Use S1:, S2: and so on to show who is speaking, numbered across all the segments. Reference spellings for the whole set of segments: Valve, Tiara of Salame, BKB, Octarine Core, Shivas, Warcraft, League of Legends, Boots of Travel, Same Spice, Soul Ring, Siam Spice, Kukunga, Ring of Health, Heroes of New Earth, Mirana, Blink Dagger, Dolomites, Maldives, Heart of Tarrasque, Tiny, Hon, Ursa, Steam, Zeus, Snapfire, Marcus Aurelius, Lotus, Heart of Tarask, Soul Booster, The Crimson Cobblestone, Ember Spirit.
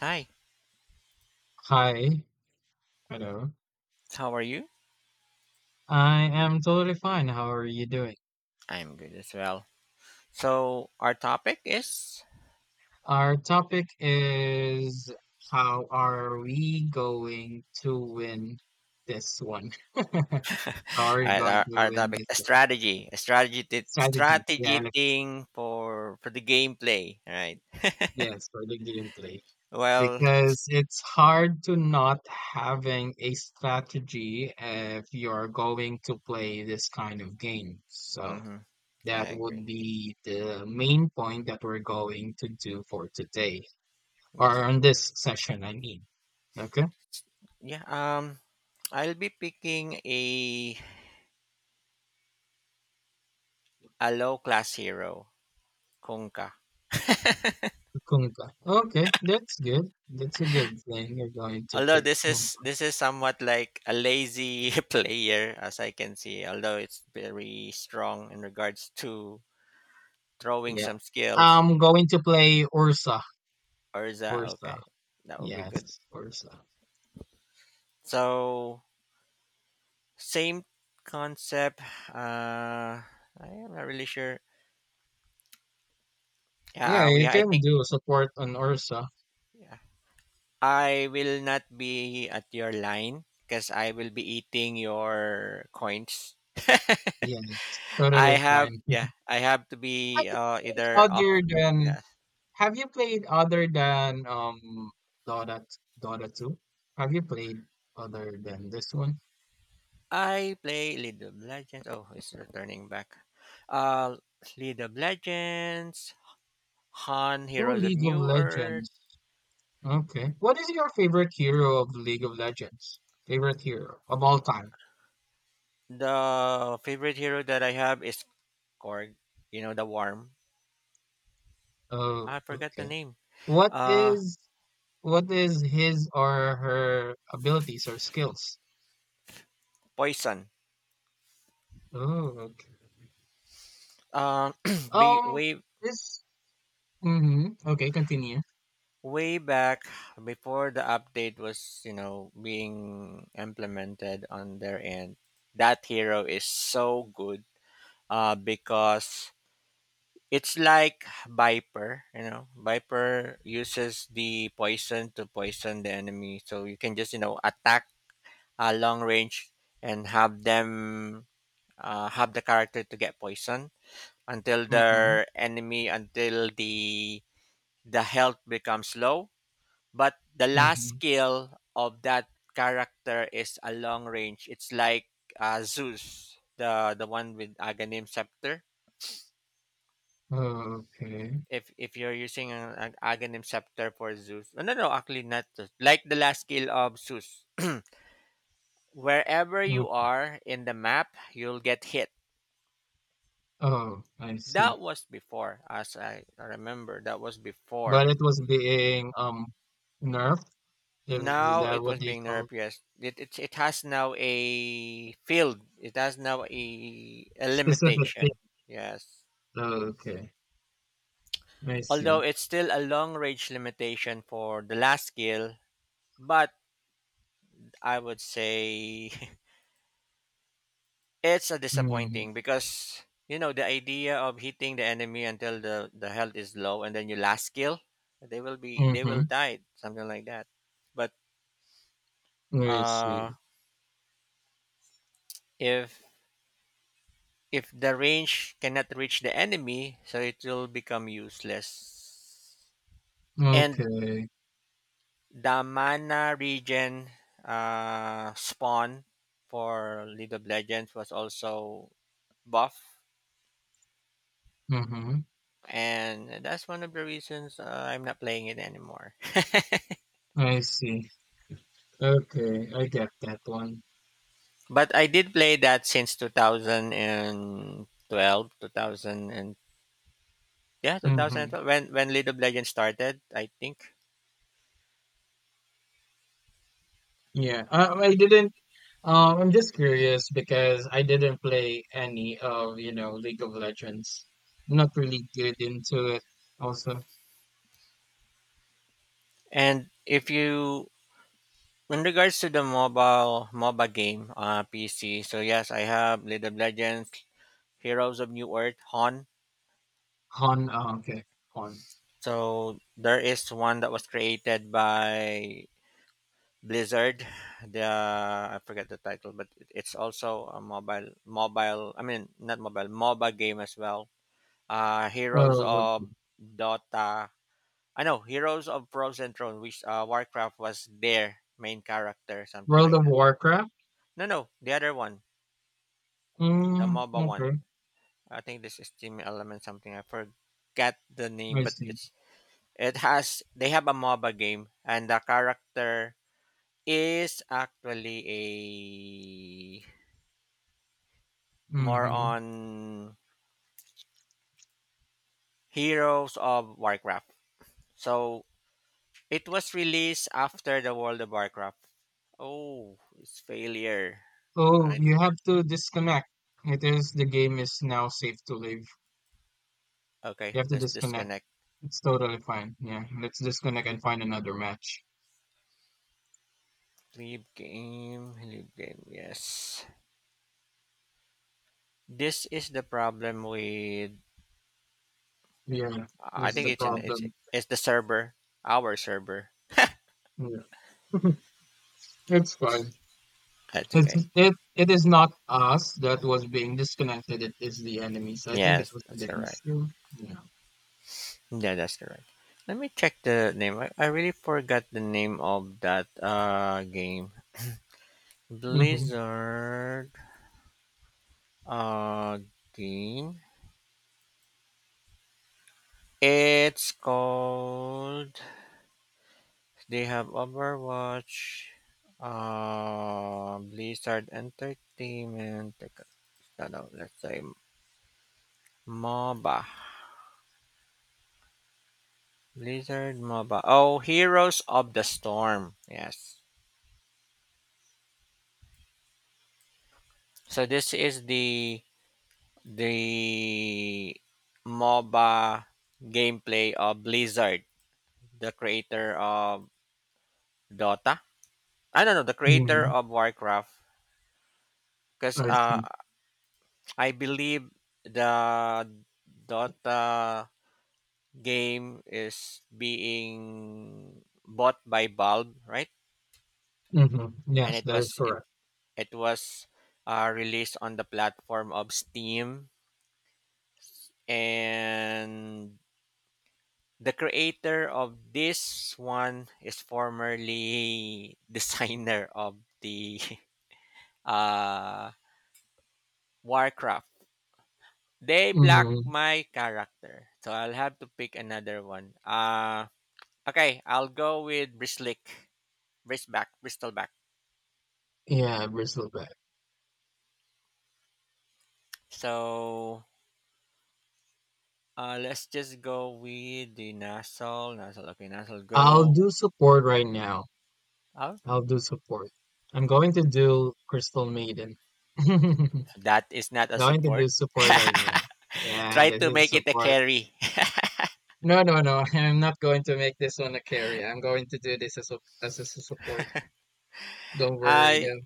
S1: Hi,
S2: Hi, hello.
S1: how are you?
S2: I am totally fine. How are you doing?
S1: I'm good as well. So our topic is
S2: Our topic is how are we going to win this one? How are
S1: all
S2: you
S1: right,
S2: going
S1: our,
S2: to
S1: our
S2: win
S1: topic
S2: this
S1: a
S2: one?
S1: strategy, a strategy t-
S2: Strategy. Yeah,
S1: strategy
S2: let's,
S1: thing for the gameplay. All right.
S2: yes, for the gameplay.
S1: Well,
S2: Because it's hard to not having a strategy if you're going to play this kind of game. So
S1: hmm I
S2: that would
S1: agree.
S2: be the main point that we're going to do for today,
S1: Yes.
S2: or on this session, I mean. Okay,
S1: Yeah. I'll be picking a low class hero, Kunkka.
S2: Kukunga. Okay, that's good. That's a good thing. You're going to
S1: Although
S2: pick.
S1: this is
S2: Kukunga.
S1: this is somewhat like a lazy player, as I can see. Although it's very strong in regards to throwing
S2: Yeah,
S1: some skills.
S2: I'm going to play Ursa.
S1: Or is that
S2: Ursa.
S1: okay? That would be good.
S2: Yes, Ursa.
S1: So same concept. Uh, I am not really sure.
S2: Yeah,
S1: Yeah, we.
S2: you
S1: I
S2: can
S1: think
S2: do support on Ursa.
S1: yeah. I will not be at your line because I will be eating your coins.
S2: Yeah, it's
S1: I
S2: totally
S1: have
S2: fine.
S1: yeah. I have to be either
S2: Have
S1: off.
S2: you played other than
S1: Yeah.
S2: Have you played other than Dota Dota 2? Have you played other than this one?
S1: I play League of Legends. Oh, it's returning back. Uh, League of Legends, Han
S2: Oh,
S1: Heroes of
S2: League of
S1: New Earth.
S2: Legends. Okay. What is your favorite hero of League of Legends? Favorite hero of all time.
S1: The favorite hero that I have is Korg. You know the worm.
S2: Oh,
S1: I forgot the
S2: okay.
S1: name.
S2: What
S1: Uh,
S2: is what is his or her abilities or skills?
S1: poison.
S2: Oh, okay.
S1: Uh, be,
S2: Um,
S1: way
S2: this. Mm-hmm. Okay, continue.
S1: way back before the update was being implemented on their end. That hero is so good. Because it's like Viper. You know, Viper uses the poison to poison the enemy, so you can just attack a long range and have them have the character to get poisoned
S2: Mm-hmm.
S1: until the health becomes low, but the last
S2: Mm-hmm.
S1: skill of that character is a long range. It's like Zeus, the one with aghanim scepter.
S2: Oh, okay.
S1: If you're using an aghanim scepter for Zeus, no, no, no, actually not Zeus. Like the last skill of Zeus, wherever you
S2: Mm.
S1: are in the map you'll get hit.
S2: Oh, I
S1: That
S2: see.
S1: was before, as I remember, that was
S2: But
S1: before.
S2: it was being nerfed. Is
S1: Now
S2: that
S1: it
S2: what
S1: was
S2: they
S1: being nerve,
S2: call
S1: yes. It has now a field. It has now a
S2: specific thing?
S1: limitation. Yes.
S2: Okay, I
S1: Although
S2: see.
S1: it's still a long range limitation for the last skill, but I would say it's a
S2: Mm,
S1: disappointing because you know the idea of hitting the enemy until the health is low and then your last skill, they will be they
S2: mm-hmm.
S1: will die, something like that. But
S2: I
S1: uh
S2: see.
S1: if If the range cannot reach the enemy, so it will become useless. And
S2: Okay.
S1: the mana regen, spawn, for League of Legends was also buff,
S2: Mm-hmm.
S1: and that's one of the reasons I'm not playing it anymore.
S2: I see. Okay, I get that one.
S1: But I did play that since 2012, 2000 and yeah,
S2: Mm-hmm.
S1: 2012 when League of Legends started, I think.
S2: Yeah. I didn't. I'm just curious because I didn't play any of League of Legends. Not really good into it. Also,
S1: And if you In regards to the mobile MOBA game, PC. So yes, I have League of Legends, Heroes of New Earth, Hon.
S2: Hon. Oh, okay, Hon.
S1: So there is one that was created by Blizzard. The I forget the title, but it's also a mobile. I mean, not mobile MOBA game as well. Heroes
S2: Oh, okay.
S1: of Dota. I know Heroes of Frozen Throne, which Warcraft was their main character, something
S2: World
S1: like
S2: of
S1: that.
S2: Warcraft.
S1: No, no, the other one, the
S2: Mm,
S1: MOBA one.
S2: okay,
S1: I think this is Team Element something. I forget the name,
S2: I
S1: but
S2: see.
S1: it's it has they have a MOBA game and the character is actually a more
S2: Hmm.
S1: on Heroes of Warcraft. So it was released after the World of Warcraft. Oh, it's failure.
S2: Oh,
S1: I
S2: you
S1: th-
S2: have to disconnect. It is the game is now safe to leave. You
S1: okay,
S2: have to
S1: let's
S2: disconnect.
S1: disconnect.
S2: It's totally fine. Yeah, let's disconnect and find another match.
S1: Leave game, leave game. Yes, this is the problem with.
S2: Yeah,
S1: I
S2: this is
S1: think
S2: the
S1: it's an
S2: problem.
S1: it's the server, our server.
S2: Yeah, it's fine.
S1: That's
S2: It's
S1: okay.
S2: it is not us that was being disconnected. It is the enemies. I think it
S1: Yes,
S2: was
S1: that's
S2: the
S1: correct.
S2: issue. Yeah.
S1: Yeah, that's correct. Let me check the name. I really forgot the name of that game.
S2: Mm-hmm.
S1: Blizzard uh game. It's called they have Overwatch, Blizzard Entertainment. No, no, let's say MOBA. Blizzard MOBA. Oh, Heroes of the Storm. Yes. So this is the the MOBA gameplay of Blizzard, the creator of Dota. I don't know, the creator
S2: Hmm.
S1: of Warcraft, because
S2: I see.
S1: I believe the Dota game is being bought by Valve, right?
S2: Mm-hmm.
S1: And
S2: Yes,
S1: it
S2: that is
S1: was it
S2: correct.
S1: it was released on the platform of Steam, and the creator of this one is formerly designer of the uh Warcraft. They blocked
S2: Hmm.
S1: my character, so I'll have to pick another one. Okay, I'll go with Bristleback.
S2: Yeah, Bristol.
S1: So let's just go with the Nasal, Nasal. Okay, Nasal,
S2: I'll
S1: go.
S2: do support right now.
S1: Oh,
S2: I'll do support. I'm going to do Crystal Maiden.
S1: that is not a
S2: Going to
S1: support.
S2: do support right now. Yeah,
S1: Try
S2: this
S1: to
S2: is
S1: make it a
S2: support.
S1: carry.
S2: No, no, no. I'm not going to make this one a carry. I'm going to do this as a support. Don't worry,
S1: I
S2: though.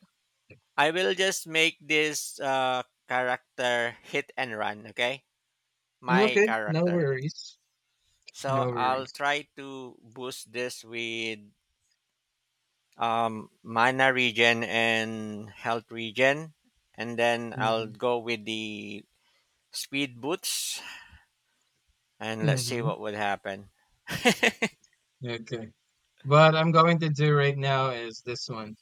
S1: I will just make this character hit and run. Okay, my
S2: Okay, no
S1: character.
S2: worries.
S1: So
S2: No
S1: I'll
S2: worries.
S1: try to boost this with mana regen and health regen, and then I'll
S2: Mm-hmm.
S1: go with the speed boots, and let's see
S2: Mm-hmm.
S1: what would happen.
S2: Okay. What I'm going to do right now is this one.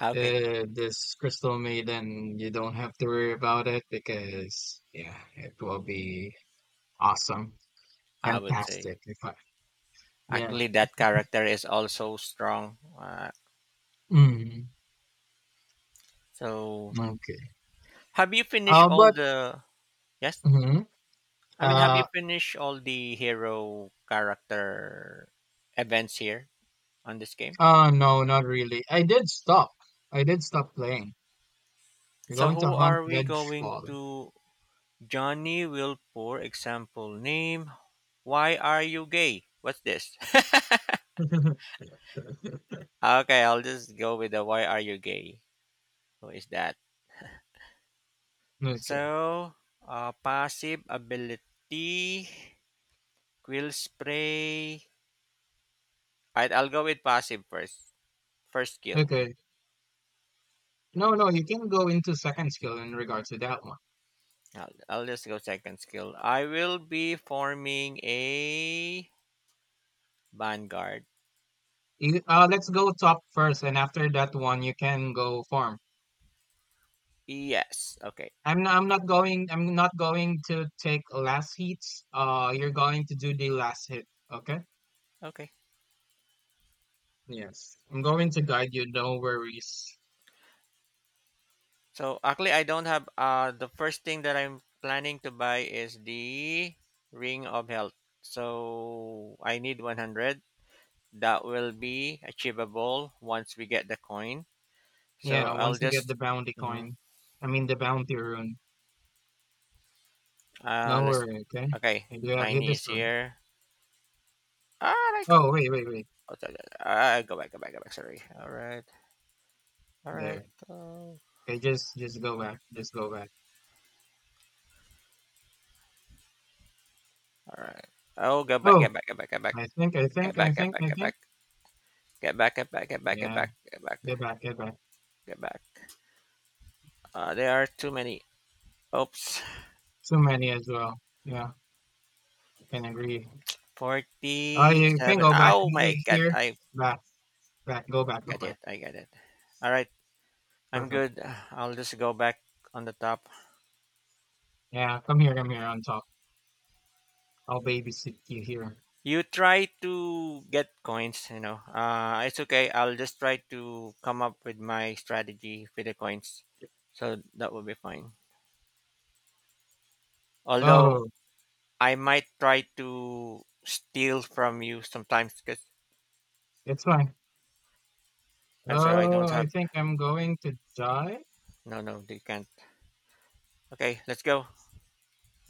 S1: Okay,
S2: Uh, this crystal maiden you don't have to worry about it because yeah it will be awesome,
S1: I would say
S2: fantastic if I, yeah,
S1: actually that character is also strong.
S2: mm,
S1: So
S2: okay,
S1: have you finished all
S2: but
S1: the? Yes.
S2: mhm.
S1: I mean, have
S2: uh
S1: you finished all the hero character events here on this game?
S2: oh, no, not really. I did stop playing. You're
S1: So
S2: going to
S1: who
S2: hunt
S1: are we going
S2: vengeful.
S1: to? Johnny will, for example, name. Why are you gay? What's this? Okay, I'll just go with the why are you gay? Who is that?
S2: Okay.
S1: So, passive ability, quill spray. Alright, I'll go with passive first. First skill.
S2: Okay, no you can go into second skill in regards to that one.
S1: I'll just go second skill. I will be forming a vanguard.
S2: Let's go top first and after that one you can go farm.
S1: Yes. Okay.
S2: I'm not going to take last hits. Uh, you're going to do the last hit, okay?
S1: Okay.
S2: Yes. I'm going to guide you, no worries.
S1: So actually, I don't have. The first thing that I'm planning to buy is the ring of health. So I need 100. That will be achievable once we get the coin. So
S2: Yeah,
S1: I'll
S2: once you get
S1: just.
S2: the bounty
S1: Mhm.
S2: coin. I mean the bounty rune. No
S1: Let's.
S2: worry, okay?
S1: Okay.
S2: I do have hit
S1: Tiny
S2: this
S1: is
S2: one.
S1: here. Ah, I go.
S2: Oh wait, wait, wait.
S1: Oh, sorry. Ah, go back. Go back. Go back. Sorry. All right. All right.
S2: There.
S1: Oh,
S2: Okay, just go back. Just go back.
S1: all right. Oh, go back, get
S2: Oh,
S1: back, get back, get back,
S2: I think, I
S1: get
S2: think, I
S1: back, get
S2: think, I
S1: back, get
S2: think.
S1: back, get back, get back, get back, get
S2: Yeah,
S1: back, get back,
S2: get back, get back.
S1: get back. There are too many. Oops.
S2: Too many as well. Yeah, I can agree. Oh, you can
S1: 47.
S2: go back
S1: Oh my god.
S2: here.
S1: I
S2: Back, back, go back, go
S1: got
S2: back.
S1: it. I got it. All right. I'm
S2: Perfect.
S1: good. I'll just go back on the top.
S2: Yeah, come here on top. I'll babysit you here.
S1: You try to get coins, you know. It's okay. I'll just try to come up with my strategy with the coins. So that will be fine. Although
S2: Oh,
S1: I might try to steal from you sometimes because
S2: it's fine.
S1: I'm sorry, I don't
S2: Oh, I
S1: have.
S2: think I'm going to die.
S1: No, no, they can't. Okay, let's go.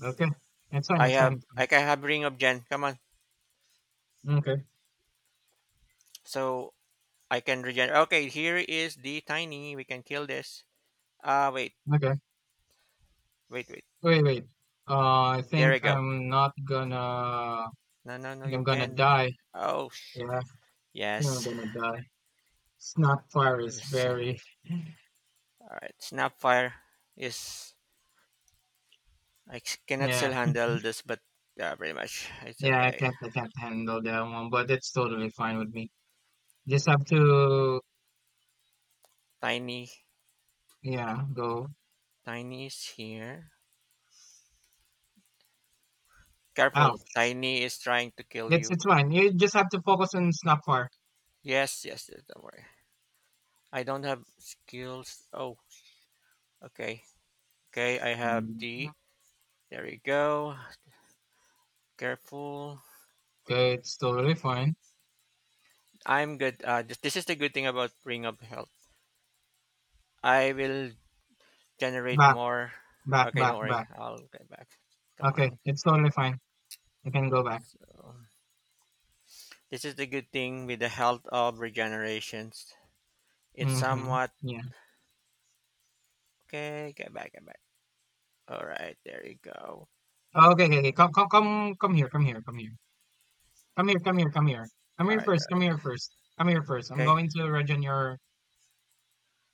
S2: Okay, it's fine,
S1: I
S2: it's fine,
S1: have.
S2: it's
S1: I
S2: fine.
S1: can have Ring of Gen. Come on.
S2: Okay,
S1: So I can regen. Okay, here is the tiny. We can kill this. Ah, wait,
S2: okay.
S1: wait, wait.
S2: Wait, wait. I
S1: There
S2: think
S1: we go.
S2: I'm not gonna. I
S1: No, no, no.
S2: think I'm
S1: You
S2: gonna
S1: can.
S2: die.
S1: Oh,
S2: Yeah, I think I'm
S1: yes.
S2: gonna die. Snapfire is
S1: Yes.
S2: very.
S1: All right. Snapfire is. Cannot
S2: Yeah,
S1: still handle this, but yeah, pretty much. It's
S2: yeah.
S1: okay.
S2: I can't handle that one, but it's totally fine with me. Just have to.
S1: Tiny.
S2: Yeah, go
S1: Tiny is here. Careful,
S2: out.
S1: Tiny is trying to kill
S2: It's
S1: you.
S2: it's fine. You just have to focus on snapfire.
S1: Yes, yes, yes, don't worry. I don't have skills. Oh, okay. Okay, I have
S2: Mm,
S1: D. There you go. Careful.
S2: okay, it's totally fine.
S1: I'm good. This is the good thing about Ring of Health. I will generate
S2: Back,
S1: more.
S2: back,
S1: Okay,
S2: back,
S1: don't worry.
S2: back.
S1: I'll get back. Come
S2: Okay,
S1: on.
S2: it's totally fine. You can go back.
S1: So, this is the good thing with the health of regenerations. It's
S2: Mm-hmm.
S1: somewhat.
S2: Yeah.
S1: Okay, get back, get back. Alright, there you go.
S2: Oh, okay, okay, okay. Come here, come here, come here, come here, come here, come here.
S1: Alright,
S2: Come here first. I'm
S1: okay.
S2: going to regen your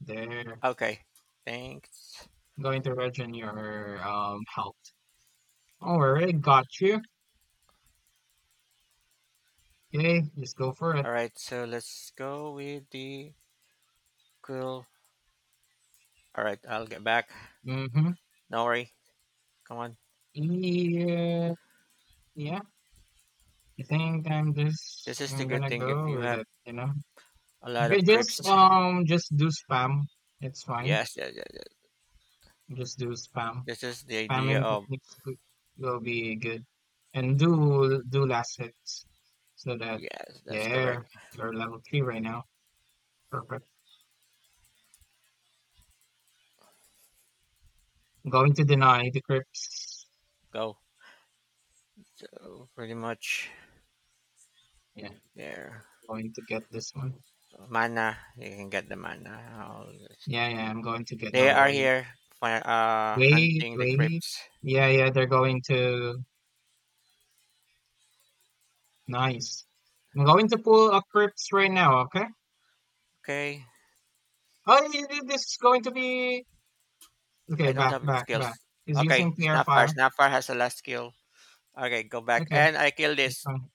S2: there.
S1: Okay, thanks.
S2: I'm going to regen your health. Don't got you. Okay, just go for it.
S1: All right, so let's go with the cool. All right, I'll get back.
S2: Mm-hmm.
S1: No worry. Come on.
S2: Yeah, yeah. I think I'm just
S1: This is the
S2: I'm
S1: good
S2: gonna
S1: thing if
S2: go
S1: you
S2: with
S1: have
S2: it. You know.
S1: a lot
S2: Okay,
S1: of crypts.
S2: just do spam. It's fine.
S1: Yes, yes, yes, yes.
S2: Just do spam.
S1: This is the idea
S2: Spamming
S1: of
S2: techniques could, will be good, and do last hits so that
S1: yes. That's correct.
S2: there you're level three right now. Perfect. Going to deny the crypts.
S1: Go. So pretty much
S2: Yeah,
S1: there.
S2: going to get this one.
S1: So, mana. You can get the mana. I'll just.
S2: Yeah, yeah, I'm going to get the
S1: They are
S2: load.
S1: here for
S2: Wait,
S1: hunting the
S2: wait.
S1: crypts.
S2: Yeah, yeah, they're going to. Nice. I'm going to pull a crypts right now. Okay.
S1: Okay.
S2: This is going to be okay,
S1: I don't
S2: back,
S1: have
S2: back, back.
S1: skills.
S2: He's using
S1: Okay.
S2: the air.
S1: Snapfire. Snapfire has the last skill. Okay, go back
S2: Okay,
S1: and I kill
S2: that's
S1: this.
S2: fine.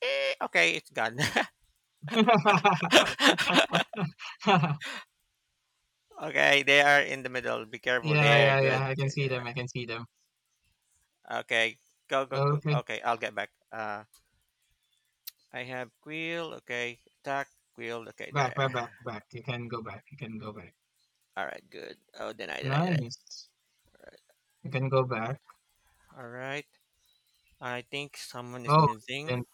S1: Okay, it's gone. Okay, they are in the middle. Be careful
S2: Yeah,
S1: there.
S2: yeah,
S1: Good.
S2: yeah.
S1: Yeah, yeah.
S2: I can see them.
S1: Yeah. Okay, go, go, go.
S2: Okay,
S1: Okay, I'll get back. I have quill. Okay, attack quill. Okay,
S2: back, back, back,
S1: there.
S2: back. You can go back.
S1: All right, good. Oh, deny, deny, deny.
S2: Nice. You can go back.
S1: All right. I think someone is
S2: Oh,
S1: missing.
S2: then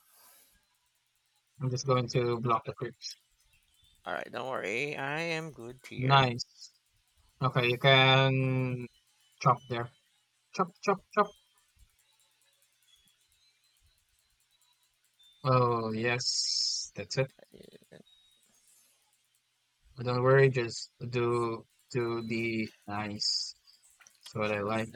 S2: I'm just going to block the creeps.
S1: All right, don't worry. I am good here.
S2: Nice. Okay, you can chop there. Chop, chop, chop. Oh, yes. That's it. Don't worry. Just do the nice. That's what I
S1: So,
S2: like.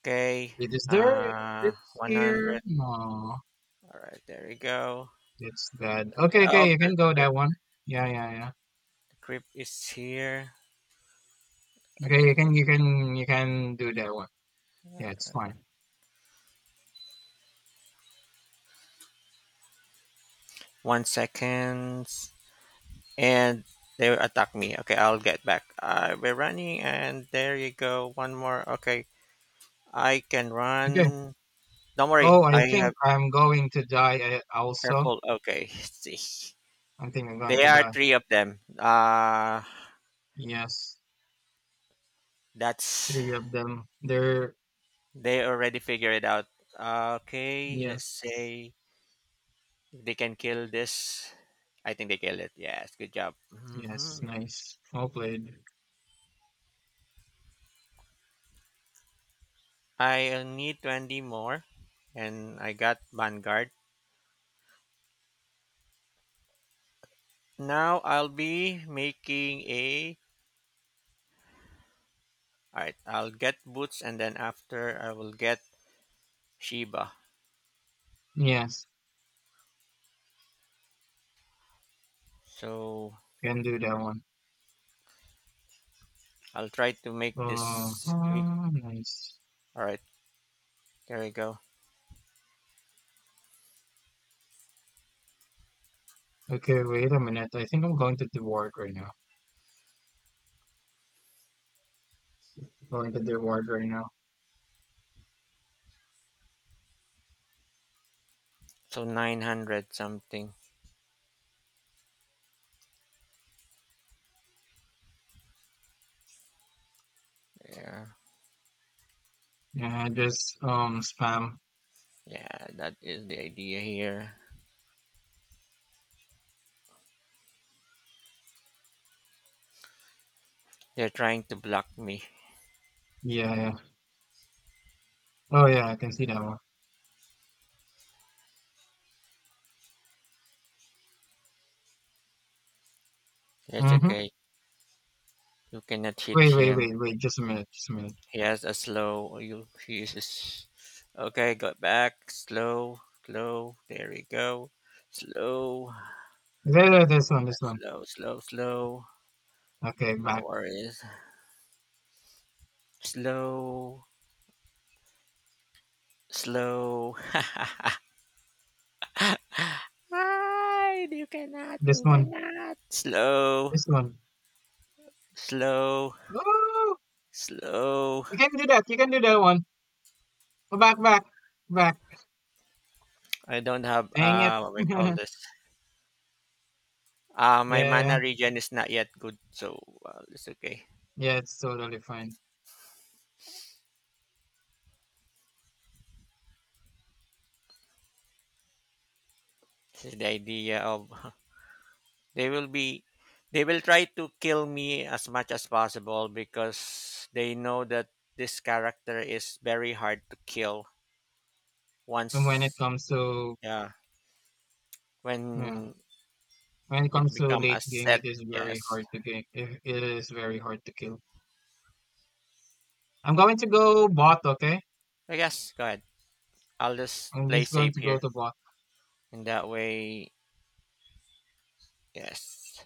S1: okay.
S2: Wait, is there a
S1: Uh,
S2: crypt
S1: one
S2: here?
S1: hundred.
S2: No,
S1: All right, there we go.
S2: it's dead.
S1: Yeah.
S2: Okay,
S1: Oh,
S2: okay,
S1: the
S2: you
S1: the
S2: can go
S1: crypt.
S2: that one. Yeah, yeah, yeah.
S1: The crypt is here.
S2: Okay,
S1: Okay.
S2: you can do that one. Yeah, it's fine.
S1: 1 second. And they attack me. Okay, I'll get back. We're running, and there you go. One more. Okay, I can
S2: Okay.
S1: run. Don't worry,
S2: Oh, I
S1: I
S2: think
S1: have
S2: I'm going to die also.
S1: careful. Okay, see,
S2: I think I'm going
S1: there
S2: to
S1: are
S2: die.
S1: three of them.
S2: Yes,
S1: That's
S2: three of them. They're
S1: they already figure it out. Okay, let's
S2: yes,
S1: say they can kill this. I think they killed it. Yes, good job.
S2: yes, nice. Well played.
S1: I need 20 more, and I got Vanguard. Now I'll be making a All right, I'll get Boots, and then after I will get Sheba.
S2: Yes,
S1: So
S2: can do that one.
S1: I'll try to make this quick.
S2: Uh-huh, nice.
S1: All right, there we go.
S2: Okay, wait a minute. I think I'm going to the ward right now. Going to the ward right now.
S1: So 900 something. Yeah,
S2: Yeah, just spam.
S1: yeah, that is the idea here. They're trying to block me.
S2: Yeah, yeah. Oh yeah, I can see that one.
S1: That's
S2: Mm-hmm.
S1: okay. You cannot hit
S2: Wait, wait,
S1: him.
S2: wait, wait. Just a minute, just a minute.
S1: He has a slow. Oh, You, he is. A s- okay, got back. Slow, slow. There we go. Slow,
S2: This one, this one.
S1: slow, slow, slow.
S2: Okay,
S1: No
S2: back.
S1: worries. Slow. Slow. Hide. You cannot.
S2: This
S1: You
S2: one,
S1: cannot. Slow.
S2: this one.
S1: Slow.
S2: Oh,
S1: Slow.
S2: you can do that. You can do that one. Go back, back, back.
S1: I don't have
S2: Dang it.
S1: what we call this. My
S2: Yeah, yeah,
S1: mana regen is not yet good, so well, it's okay.
S2: yeah. It's totally fine.
S1: This is the idea of they will be they will try to kill me as much as possible because they know that this character is very hard to kill
S2: And when it
S1: once
S2: comes to
S1: yeah
S2: yeah,
S1: when
S2: when it
S1: it
S2: comes to
S1: become a
S2: late game, it
S1: set
S2: is very
S1: yes
S2: hard to game. It is very hard to kill. I'm going to go bot. Okay,
S1: I guess go ahead. I'll just
S2: I'm
S1: play
S2: just going
S1: safe
S2: to go
S1: here.
S2: to bot.
S1: In that way, yes,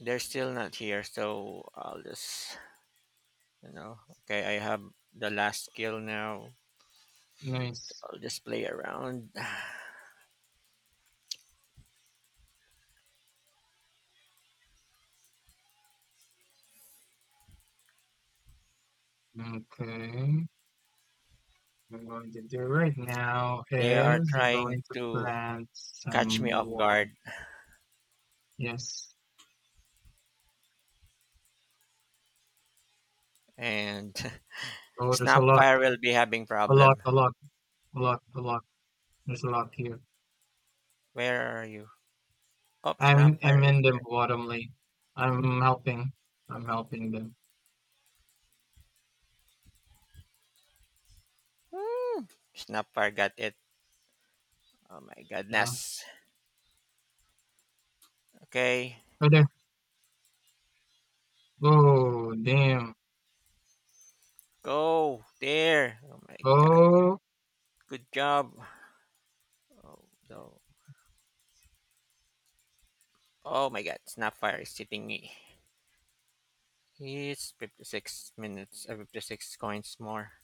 S1: they're still not here. So I'll just, you know, okay, I have the last skill now.
S2: Nice.
S1: I'll just play around.
S2: Okay. I'm going to do right now
S1: They are
S2: is I'm
S1: trying
S2: going to
S1: to
S2: plant
S1: catch me
S2: some
S1: off
S2: more.
S1: guard,
S2: Yes.
S1: and
S2: Oh, there's a lot,
S1: Snapfire will be having
S2: a lot,
S1: problem.
S2: a lot, a lot, a lot. There's a lot here.
S1: Where are you? Oh,
S2: I'm
S1: Snapfire is
S2: in the
S1: here.
S2: bottom lane. I'm helping. I'm helping them.
S1: Hmm. Snapfire got it. Oh my
S2: Yeah.
S1: goodness. Okay,
S2: Right there. Oh damn.
S1: go there. Oh my god.
S2: Oh
S1: Good job. Oh no. Oh my god, Snapfire is tipping me. It's 56 minutes, 56 coins more.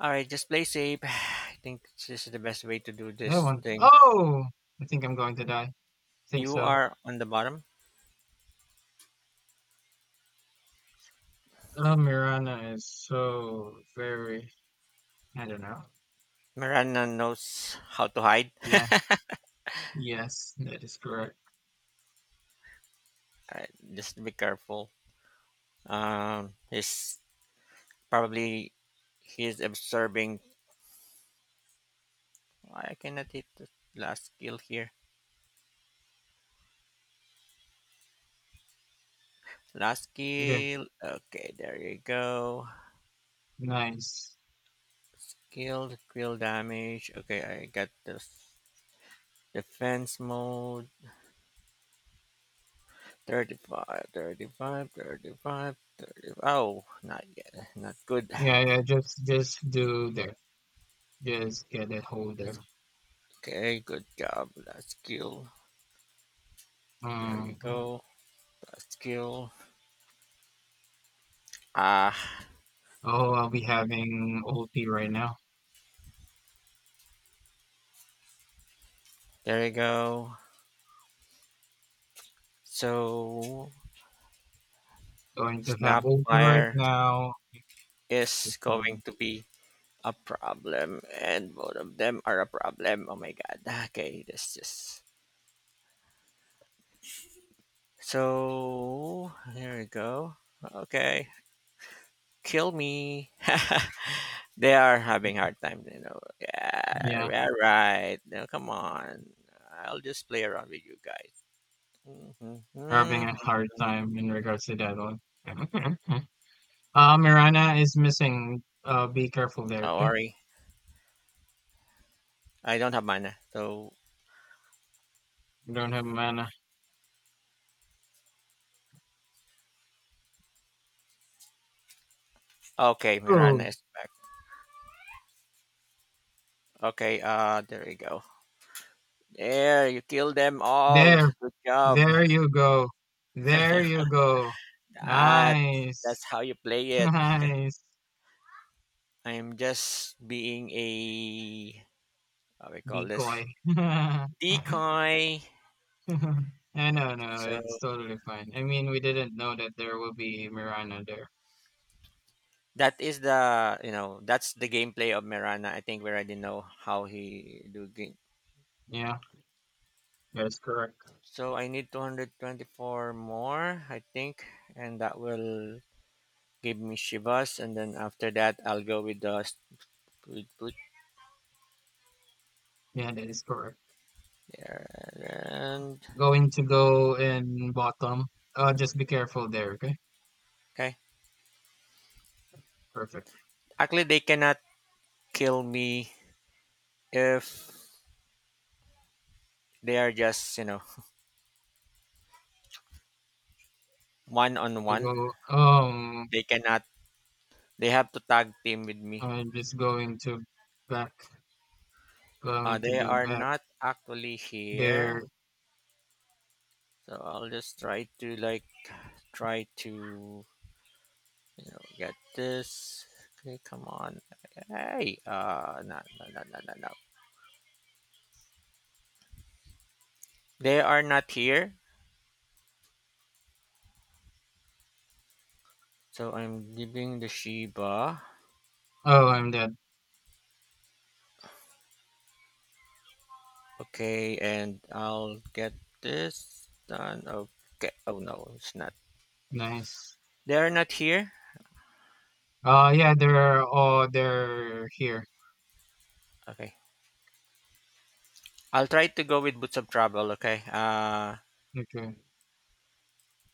S1: Alright, just play safe. I think this is the best way to do
S2: that
S1: this
S2: one.
S1: thing.
S2: Oh I think I'm going to die. Think
S1: You
S2: so.
S1: are on the bottom.
S2: Oh Mirana is so very I don't know.
S1: Miranda knows how to hide.
S2: Yeah, yes, that is correct.
S1: Alright, just be careful. Um, he's probably he's observing. I cannot hit the last kill here. Last
S2: Okay.
S1: kill. Okay, there you go.
S2: Nice.
S1: Skilled Quill damage. Okay, I got this. Defense mode. 35, 35, 35, 35. Oh, not yet. Not good.
S2: Yeah, yeah, just do there. Just get a hold
S1: That's,
S2: there.
S1: okay, good job. That's skill. There you
S2: Um,
S1: go. That's skill. Ah,
S2: oh, I'll be having OT right now.
S1: there you go. So,
S2: Going to have OT right
S1: Snapfire
S2: now. Just,
S1: is going
S2: um,
S1: to be a problem, and both of them are a problem. Oh my god. Okay, this just So here we go. Okay, kill me. they are having hard time, you know.
S2: yeah,
S1: Yeah, all right. Now come on. I'll just play around with you guys. Mhm,
S2: having
S1: mhm,
S2: a hard
S1: mhm.
S2: time in regards to that one. Okay, okay. Mirana is missing. Be careful there,
S1: Oh,
S2: okay?
S1: worry. I don't have mana. So
S2: You don't have mana.
S1: okay, Mirana
S2: Oh,
S1: is back. Okay, there we go. There, you kill them all.
S2: there,
S1: Good job.
S2: there you go. There you go.
S1: That
S2: Nice,
S1: that's how you play it.
S2: nice.
S1: I'm just being a how we call this
S2: Decoy.
S1: decoy.
S2: No,
S1: So
S2: it's totally fine. I mean, we didn't know that there will be Mirana there.
S1: that is the you know that's the gameplay of Mirana. I think we already know how he do game.
S2: Yeah, that is correct.
S1: So I need 224 more, I think, and that will give me Shivas, and then after that I'll go with with put
S2: Yeah, that is correct.
S1: there and
S2: Going to go in bottom. Just be careful there, okay?
S1: okay.
S2: Perfect.
S1: Actually, they cannot kill me if they are just one on
S2: You
S1: one.
S2: go, um,
S1: They cannot. They have to tag team with me.
S2: I'm just going to back, going to
S1: They
S2: do
S1: are
S2: back
S1: not actually here.
S2: there.
S1: So I'll just try to get this. Okay, come on. Hey, no, no, no, no, no, no. They are not here. So I'm giving the Shiba.
S2: Oh, I'm dead.
S1: Okay, and I'll get this done. Okay. Oh no, it's not.
S2: Nice.
S1: They are not here.
S2: Yeah, they're here.
S1: Okay. I'll try to go with Boots of Travel. Okay.
S2: Okay,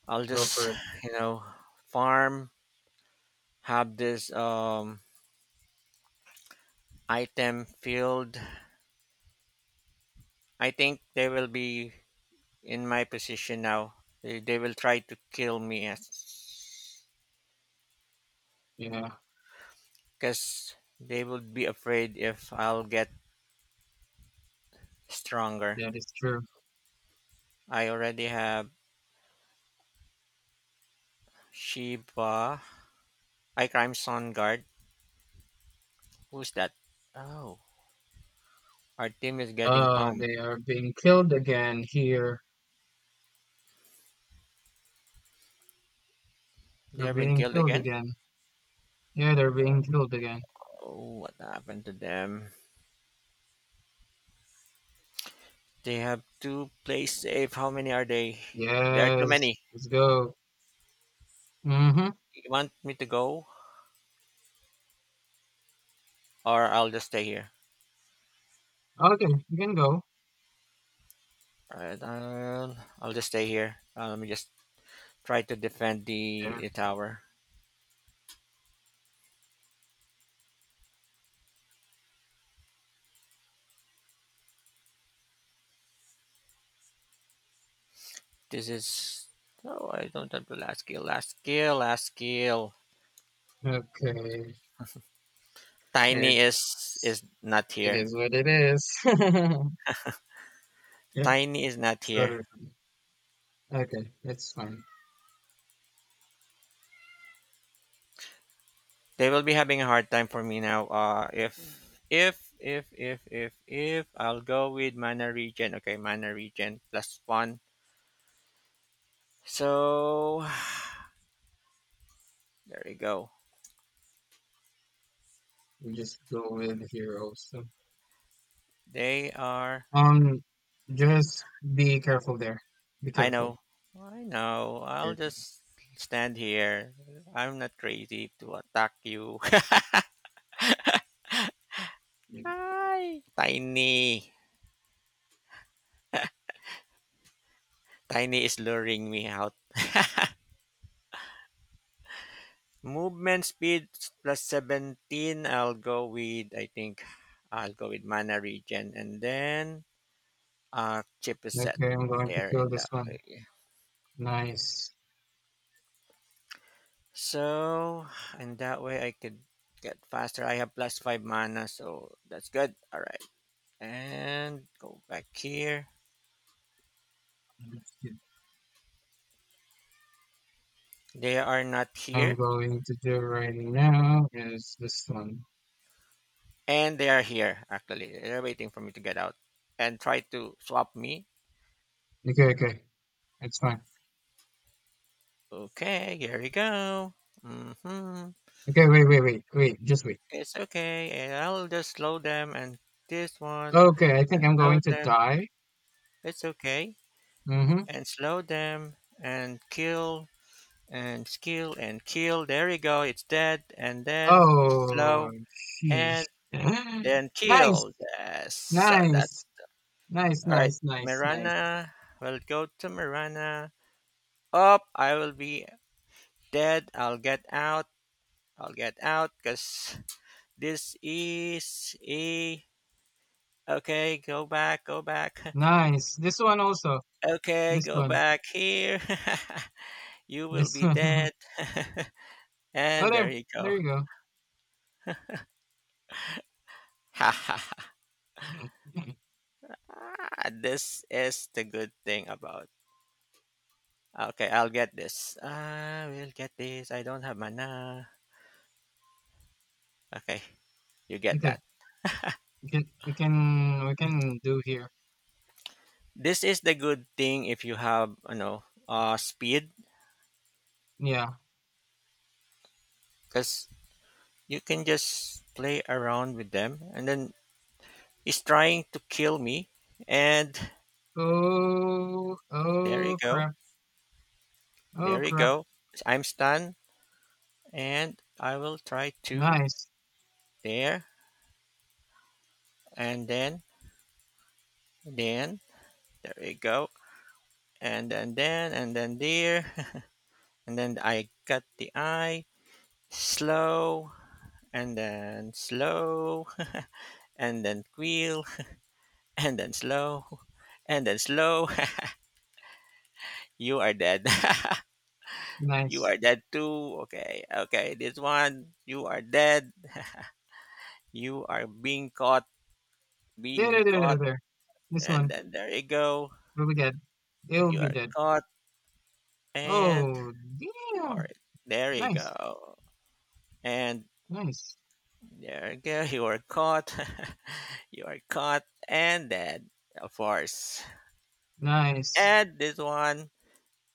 S1: I'll
S2: go for
S1: just
S2: it.
S1: you know farm, have this item field. I think they will be in my position now. They will try to kill me as
S2: Yeah,
S1: because they would be afraid if I'll get stronger.
S2: that is true.
S1: I already have Shiva. I crime Sun Guard. Who's that? Oh, our team is getting pumped.
S2: They are being killed again here.
S1: They
S2: They're
S1: have been
S2: being
S1: killed
S2: killed
S1: again?
S2: again. Yeah, they're being killed again.
S1: Oh, what happened to them? They have to play safe. How many are they? There are too
S2: Yes,
S1: many.
S2: let's go. Mm-hmm.
S1: You want me to go or I'll just stay here?
S2: Okay, you can go
S1: All right, I'll just stay here. Let me just try to defend
S2: there.
S1: the tower. This is No, I don't have the last skill. Last skill, last skill.
S2: Okay,
S1: Tiny is
S2: it's
S1: is not
S2: it
S1: here.
S2: is what it is. Yeah,
S1: Tiny is not
S2: it's
S1: here.
S2: totally okay, that's fine.
S1: They will be having a hard time for me now. If if I'll go with mana regen. Okay, mana regen plus one. So there we go.
S2: We just go with here also.
S1: They are
S2: Um, just be careful there. Be
S1: I
S2: careful.
S1: know. I know.
S2: Be
S1: I'll
S2: careful.
S1: just stand here. I'm not crazy to attack you.
S2: Yeah.
S1: Hi. Tiny. Tiny is luring me out. Movement speed plus 17. I'll go with, I think, I'll go with mana regen, and then chip is set
S2: Okay, I'm going to
S1: there
S2: kill
S1: in
S2: this
S1: that
S2: one.
S1: way.
S2: Nice.
S1: So, in that way, I could get faster. I have plus 5 mana, so that's good. All right. And go back here. They are not
S2: I'm
S1: here,
S2: going to do right now is this one.
S1: and they are here. Actually, they're waiting for me to get out and try to swap me.
S2: Okay, okay. It's fine.
S1: Okay, here we go. Mm-hmm.
S2: Okay, just wait.
S1: It's okay, and I'll just slow them and this one
S2: Okay, I think
S1: and
S2: I'm
S1: slow
S2: going to
S1: them.
S2: die.
S1: It's okay,
S2: Mm-hmm.
S1: and slow them and kill and kill and kill. There we go. It's dead, and then
S2: Oh,
S1: slow
S2: sheesh.
S1: and then
S2: Nice,
S1: kill. Yes. So that's
S2: nice, nice,
S1: all right.
S2: nice, nice, nice,
S1: Mirana. We'll go to Mirana. Up. I will be dead. I'll get out. I'll get out because this is a. Okay, go back, go back.
S2: nice. This one also.
S1: Okay,
S2: This
S1: go
S2: one.
S1: back here. you will
S2: This
S1: be
S2: one.
S1: dead.
S2: Oh,
S1: and
S2: there.
S1: there you go.
S2: There you go.
S1: Ah, this is the good thing about. Okay, I'll get this. I will get this. I don't have mana. Okay, you get
S2: Okay.
S1: that.
S2: We can do here.
S1: This is the good thing if you have, you know, speed
S2: Yeah.
S1: because you can just play around with them and then he's trying to kill me and there you
S2: Oh,
S1: go
S2: crap. Oh,
S1: there you
S2: crap.
S1: go I'm stunned and I will try to
S2: Nice,
S1: there and then there you go and then and then there and then I got the eye slow and then slow and then quill and then slow and then slow you are dead You
S2: nice.
S1: are dead too. Okay, okay. This one, you are dead. You are being caught,
S2: There. This
S1: and
S2: one.
S1: then there you go.
S2: We'll be good. It'll
S1: You
S2: be
S1: are
S2: dead.
S1: caught, and
S2: Oh,
S1: all
S2: damn.
S1: right, there you
S2: Nice.
S1: go, and
S2: Nice.
S1: there you go. You are caught. you are caught and dead, of course.
S2: Nice.
S1: And this one,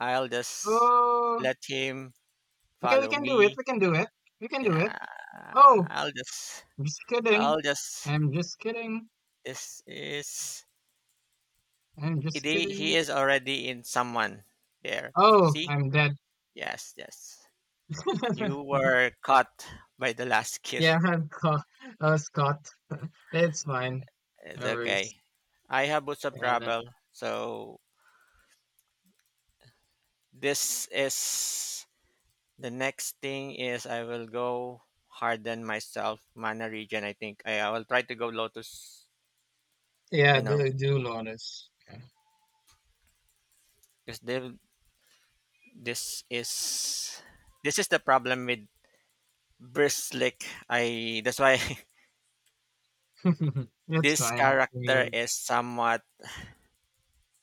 S1: I'll just
S2: Oh,
S1: let him
S2: okay,
S1: follow me.
S2: We can do it.
S1: Yeah,
S2: Oh,
S1: I'll just,
S2: I'm just kidding.
S1: I'll just.
S2: I'm just kidding.
S1: This is
S2: I'm just
S1: They, he
S2: kidding.
S1: is already in someone there.
S2: Oh,
S1: See?
S2: I'm dead.
S1: Yes, yes. You were caught by the last kill.
S2: Yeah, I'm caught. I was caught. It's fine.
S1: It's
S2: No worries.
S1: okay. I have boots of
S2: And,
S1: travel. So this is the next thing is I will go harden myself mana region. I think I will try to go lotus.
S2: yeah,
S1: You know,
S2: do, do Lawless. Yeah.
S1: because this is this is the problem with Bristlick. I that's why
S2: it's
S1: this
S2: fine. I
S1: character
S2: mean,
S1: is somewhat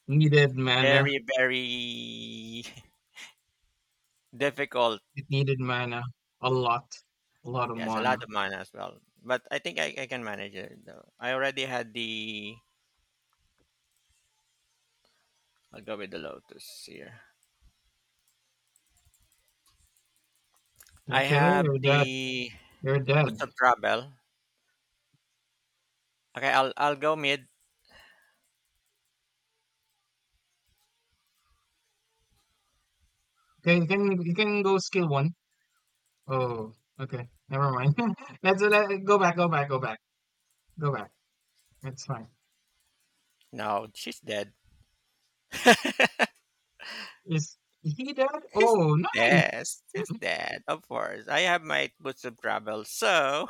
S2: needed mana.
S1: very, very difficult.
S2: It needed mana. A lot. A lot of
S1: Yes, a lot
S2: mana.
S1: of mana as well. But I think I can manage it though. I already had the I'll go with the Lotus here. I
S2: Okay,
S1: have the
S2: you're
S1: Boots
S2: dead.
S1: of Travel. Okay, I'll go mid.
S2: Okay, you can go skill one. Oh, okay. Never mind. Go back, go back, go back. Go back. That's fine.
S1: No, she's dead.
S2: Is he dead?
S1: She's
S2: Oh, nice.
S1: dead. She's dead, of course. I have my Boots of Travel, so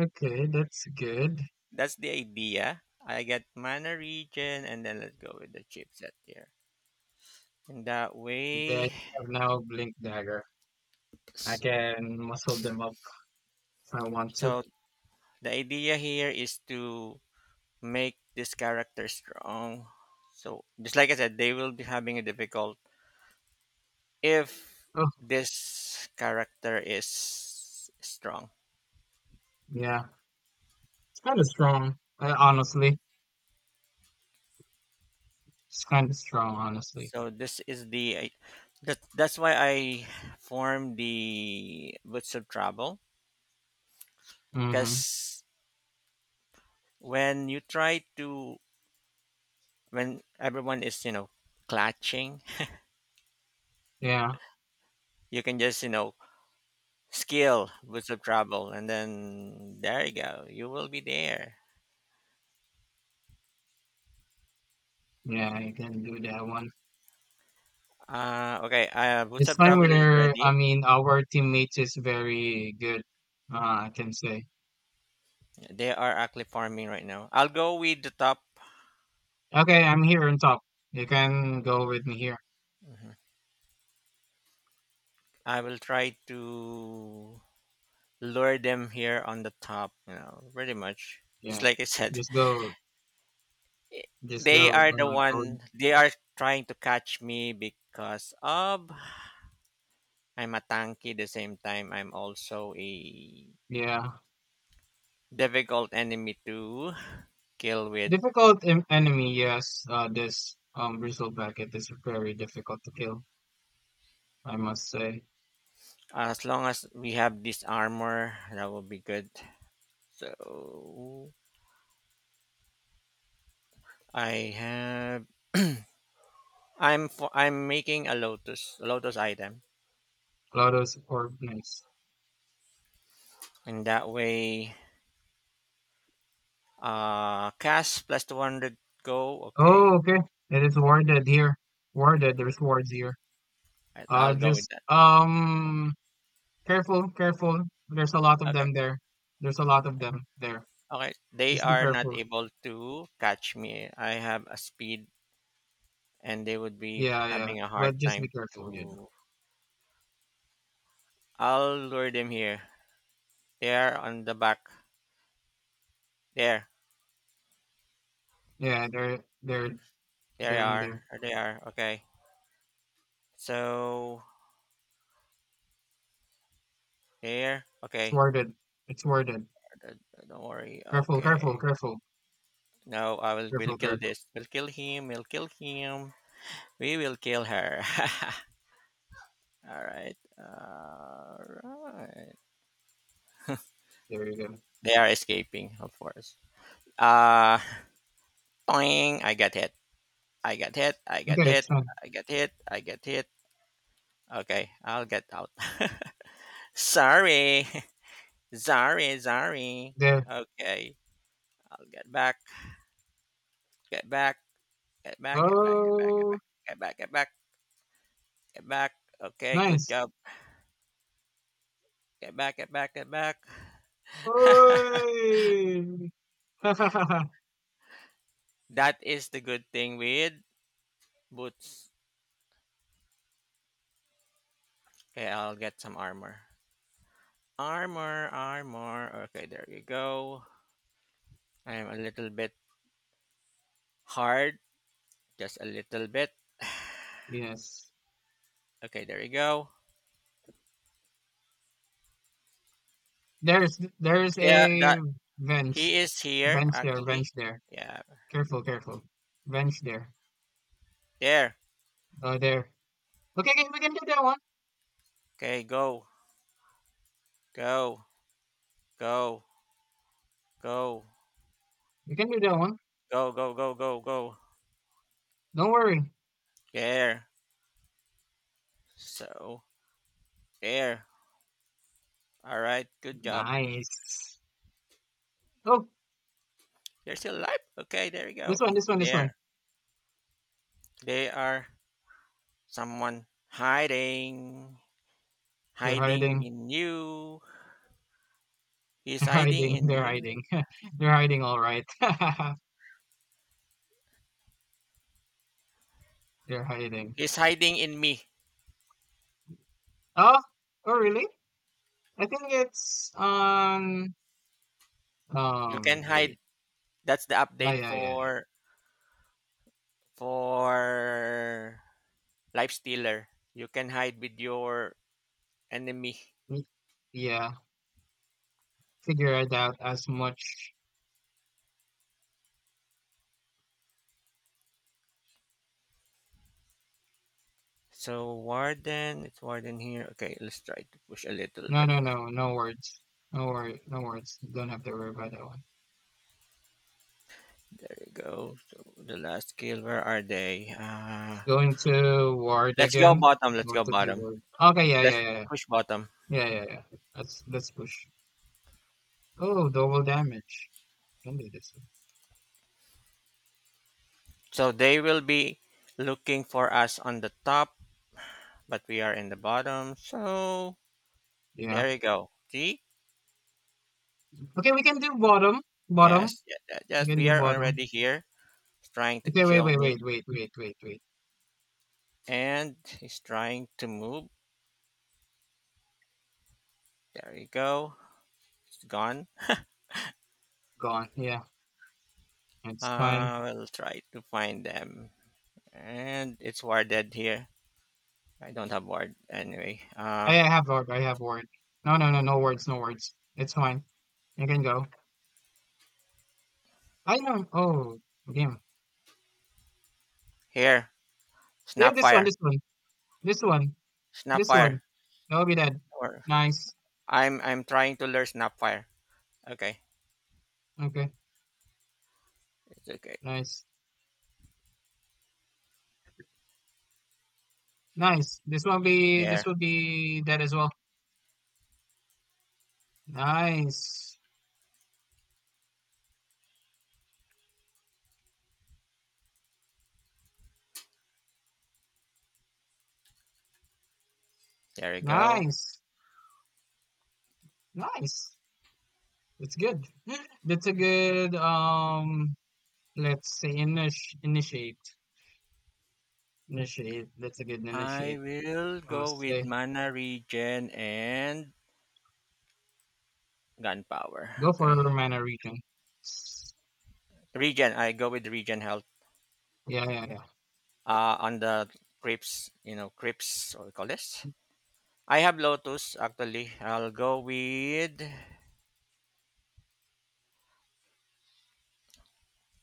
S2: Okay, that's good.
S1: that's the idea. I get mana region and then let's go with the chipset here. In that
S2: Okay, I
S1: way
S2: have now Blink Dagger. I
S1: s-
S2: can muscle them up if I want to.
S1: so the idea here is to make this character strong. So just like I said, they will be having a difficult if
S2: Oh,
S1: this character is strong.
S2: yeah. It's kind of strong, honestly. It's kind of strong, honestly.
S1: So this is that's why I formed the Boots of Trouble
S2: Mm-hmm.
S1: because when you try to when everyone is you know clutching,
S2: Yeah.
S1: you can just you know skill Boots of Trouble and then there you go, you will be there.
S2: Yeah, I can do that one.
S1: Okay,
S2: It's
S1: Bootstrap
S2: time
S1: Travel is
S2: where I
S1: ready.
S2: mean our teammates is very good. Uh, I can say.
S1: They are actually farming right now. I'll go with the top.
S2: Okay, I'm here on top. You can go with me here.
S1: Mhm. I will try to lure them here on the top, you know, pretty much. Just
S2: Yeah,
S1: like I said,
S2: just go, just
S1: they
S2: go.
S1: are the
S2: Go.
S1: one, they are trying to catch me because of I'm a tanky, the same time, I'm also a
S2: Yeah,
S1: difficult enemy to kill with.
S2: enemy. Yes, this bristleback is very difficult to kill. I must say.
S1: As long as we have this armor, that will be good. So I have. I'm making a lotus item,
S2: Lotus or nice.
S1: and that way, cast plus 200 go. Okay,
S2: Oh, okay. It is worded here. Worded. There's words here.
S1: I'll go with
S2: Just
S1: that.
S2: um. Careful, careful. There's a lot of
S1: Okay,
S2: them there. There's a lot of them there.
S1: okay. They
S2: Just be
S1: are not
S2: careful.
S1: able to catch me. I have a speed, and they would be
S2: Yeah, yeah.
S1: having a hard
S2: But just be
S1: time
S2: careful. Yeah.
S1: to. I'll lure them here. They are on the back. There,
S2: Yeah, they're
S1: there they
S2: they're in
S1: are.
S2: there.
S1: There they are. Okay. So there.
S2: It's
S1: Okay.
S2: worded. It's worded.
S1: Don't worry.
S2: Careful, careful,
S1: Okay.
S2: careful,
S1: No, I will. We'll
S2: careful,
S1: kill
S2: careful.
S1: this. We'll kill him. We'll kill him. We will kill her. All right. All right.
S2: There you go.
S1: They are escaping, of course. Uh, boing. I got hit. I got hit. I got
S2: Okay,
S1: hit.
S2: it's fine.
S1: I got hit. I got hit. Okay, I'll get out. sorry, sorry, sorry.
S2: There.
S1: Okay, I'll get back. Get back. Get back. Get back. Get back. Get
S2: Oh,
S1: back. Get back. Get back. Get back. Okay, good
S2: nice.
S1: job. Get back. Get back. Get back.
S2: Oy!
S1: That is the good thing with boots. Okay, I'll get some armor. Armor, armor. Okay, there you go. I'm a little bit hard, just a little bit.
S2: yes.
S1: Okay, there you go.
S2: There's
S1: There,
S2: a
S1: that
S2: bench.
S1: he is here
S2: Bench there, bench
S1: actually.
S2: there.
S1: Yeah,
S2: Careful, careful. Bench there.
S1: there.
S2: Oh, there. Okay, okay, we can do that one.
S1: Okay, go, go, go, go,
S2: We can do that one.
S1: go, go, go, go, go.
S2: Don't worry.
S1: There. So there. All right. Good job.
S2: Nice. Oh,
S1: They're still alive. Okay, there you go.
S2: this one,
S1: Mm,
S2: this one, this one.
S1: there. They are. Someone hiding,
S2: They're
S1: hiding
S2: hiding.
S1: in you. He's
S2: They're
S1: hiding
S2: hiding.
S1: in
S2: They're hiding.
S1: you.
S2: They're hiding, all right. They're hiding.
S1: He's hiding in me.
S2: Oh, oh, really? I think it's on
S1: You can
S2: wait.
S1: hide. That's the
S2: Oh,
S1: update
S2: yeah, yeah.
S1: for for life stealer. You can hide with your enemy.
S2: Yeah, yeah, figure it out as much.
S1: So warden, it's warden here. Okay, let's try to push a little
S2: No,
S1: bit.
S2: no, no, no words. No word, no words. Don't have to worry about that one.
S1: There you go. So the last kill, where are they?
S2: It's going to ward
S1: Let's go
S2: again.
S1: bottom. Let's
S2: Going
S1: go
S2: to do
S1: bottom.
S2: ward. Okay, yeah, yeah,
S1: Let's
S2: yeah, yeah.
S1: push bottom.
S2: Yeah, yeah, yeah. Let's push. Oh, double damage. Can do this one.
S1: So they will be looking for us on the top, but we are in the bottom. So
S2: Yeah.
S1: there you go. See?
S2: Okay, we can do bottom. Bottom.
S1: Yes, ye- ye-
S2: We
S1: yes,
S2: can
S1: we
S2: do
S1: are
S2: bottom.
S1: already here. He's trying to
S2: Okay, wait,
S1: kill
S2: wait, wait,
S1: me,
S2: wait, wait, wait, wait.
S1: and he's trying to move. There you go. It's gone.
S2: Gone. Yeah, it's fine.
S1: We'll try to find them, and it's warded here. I don't have ward anyway.
S2: I have word. I have word. No, no, no, no words, no words. It's fine. You can go. I know. Oh, damn.
S1: Here,
S2: Yeah, this one,
S1: snapfire,
S2: this one, this one, this one.
S1: snapfire.
S2: That will be dead.
S1: Or
S2: Nice.
S1: I'm trying to lure snapfire. Okay,
S2: Okay.
S1: it's okay.
S2: Nice. Nice. This one be. This
S1: There.
S2: will be dead as well. Nice.
S1: There we go.
S2: Nice. Nice. That's good. That's a good let's say initiate. Initiate. That's a good
S1: I
S2: initiate.
S1: will
S2: I
S1: go
S2: say
S1: with mana regen and gunpowder.
S2: Go for
S1: Okay.
S2: a mana region.
S1: Regen, I go with regen health.
S2: Yeah, yeah, yeah.
S1: Uh, on the creeps, you know, creeps what we call this. I have lotus actually. I'll go with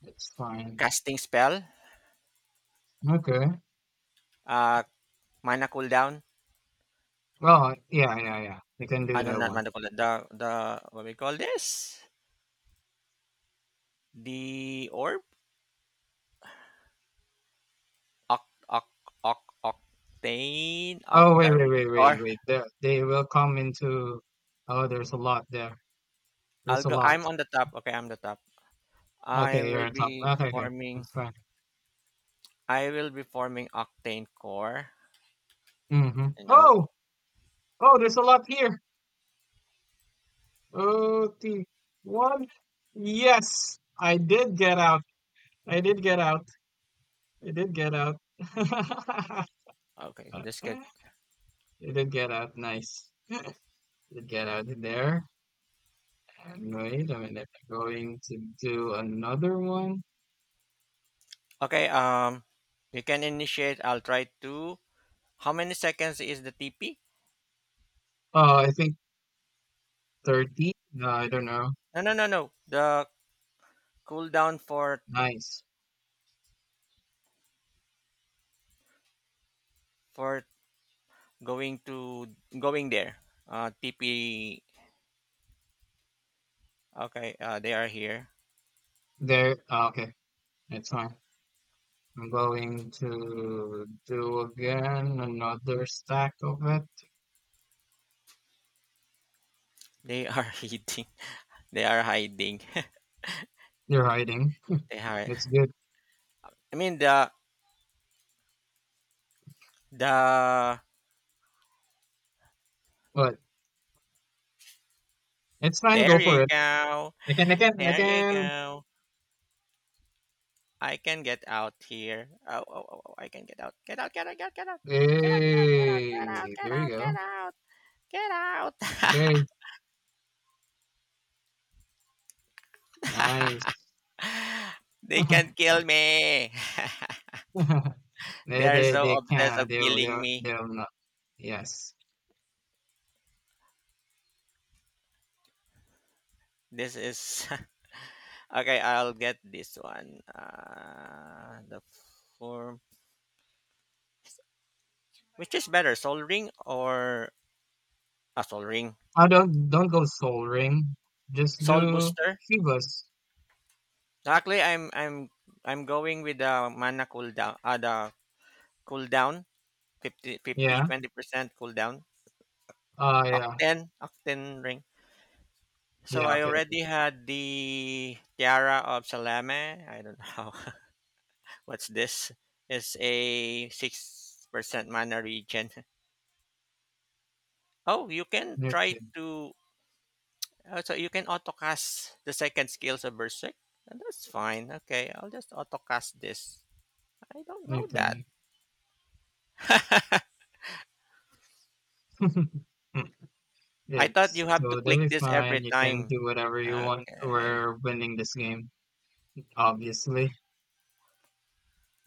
S2: That's fine.
S1: casting spell.
S2: Okay.
S1: Uh, mana cooldown.
S2: Well, yeah, yeah, yeah. They can do
S1: Ano
S2: that
S1: Not
S2: one.
S1: mana cooldown. The what we call this? The orb? Oct oct octane
S2: Oh, wait, wait,
S1: octarine.
S2: wait, wait,
S1: Or
S2: wait. There, they will come into Oh, there's a lot there. There's a lot.
S1: I'm on the top. Okay, I'm the top. I
S2: Okay, you're
S1: will
S2: on top.
S1: be
S2: Okay, okay.
S1: forming
S2: That's fine.
S1: I will be forming octane core,
S2: Mm-hmm.
S1: you know.
S2: Oh! Oh, there's a lot here. Okay. One. Yes, I did get out. I did get out. I did get out. I
S1: Okay, that's good.
S2: did get out. Nice. Did get out there. And wait a minute. I'm going to do another one.
S1: Okay, you can initiate. I'll try to How many seconds is the TP?
S2: Oh, I think 30. No, I don't know.
S1: No. The cooldown for
S2: Nice.
S1: for going to going there. Uh, TP, okay, uh, they are here.
S2: There. Oh, okay. That's fine. I'm going to do again another stack of it.
S1: They are hiding. They are hiding.
S2: You're hiding.
S1: they are
S2: It's good.
S1: I mean the the
S2: But it's fine. Go
S1: there
S2: for
S1: you
S2: it.
S1: go.
S2: Again, again,
S1: There you
S2: again.
S1: go. I can get out here. Oh, oh, oh, oh, I can get out. Get out, get out, get out, get out. Get out, get out, get out,
S2: Hey,
S1: get
S2: there you
S1: out,
S2: go.
S1: get out, get out, get
S2: Okay, nice.
S1: out. They can kill me. They are so
S2: They
S1: obsessed
S2: can.
S1: of killing me.
S2: They'll not. Yes.
S1: This is okay. I'll get this one. The form, which is better, Soul Ring or a Soul Ring,
S2: I don't go soul ring. Just
S1: Soul
S2: do
S1: Booster.
S2: Shivas.
S1: Actually, I'm going with the mana cooldown. The cooldown, 50 50,
S2: Yeah.
S1: 20% cooldown.
S2: Ah, yeah.
S1: Octane, Octane ring. So
S2: Yeah.
S1: I
S2: Okay.
S1: already had the Tiara of Salame. I don't know what's this. It's a 6% mana regen. Oh, you can try
S2: Okay.
S1: to. Oh, so you can autocast the second skills of Berserk. And That's fine. Okay, I'll just autocast this. I don't know that.
S2: Okay.
S1: I thought you
S2: It's
S1: have to
S2: totally
S1: click this every
S2: fine. You can
S1: time.
S2: do whatever you want.
S1: Okay.
S2: We're winning this game, obviously.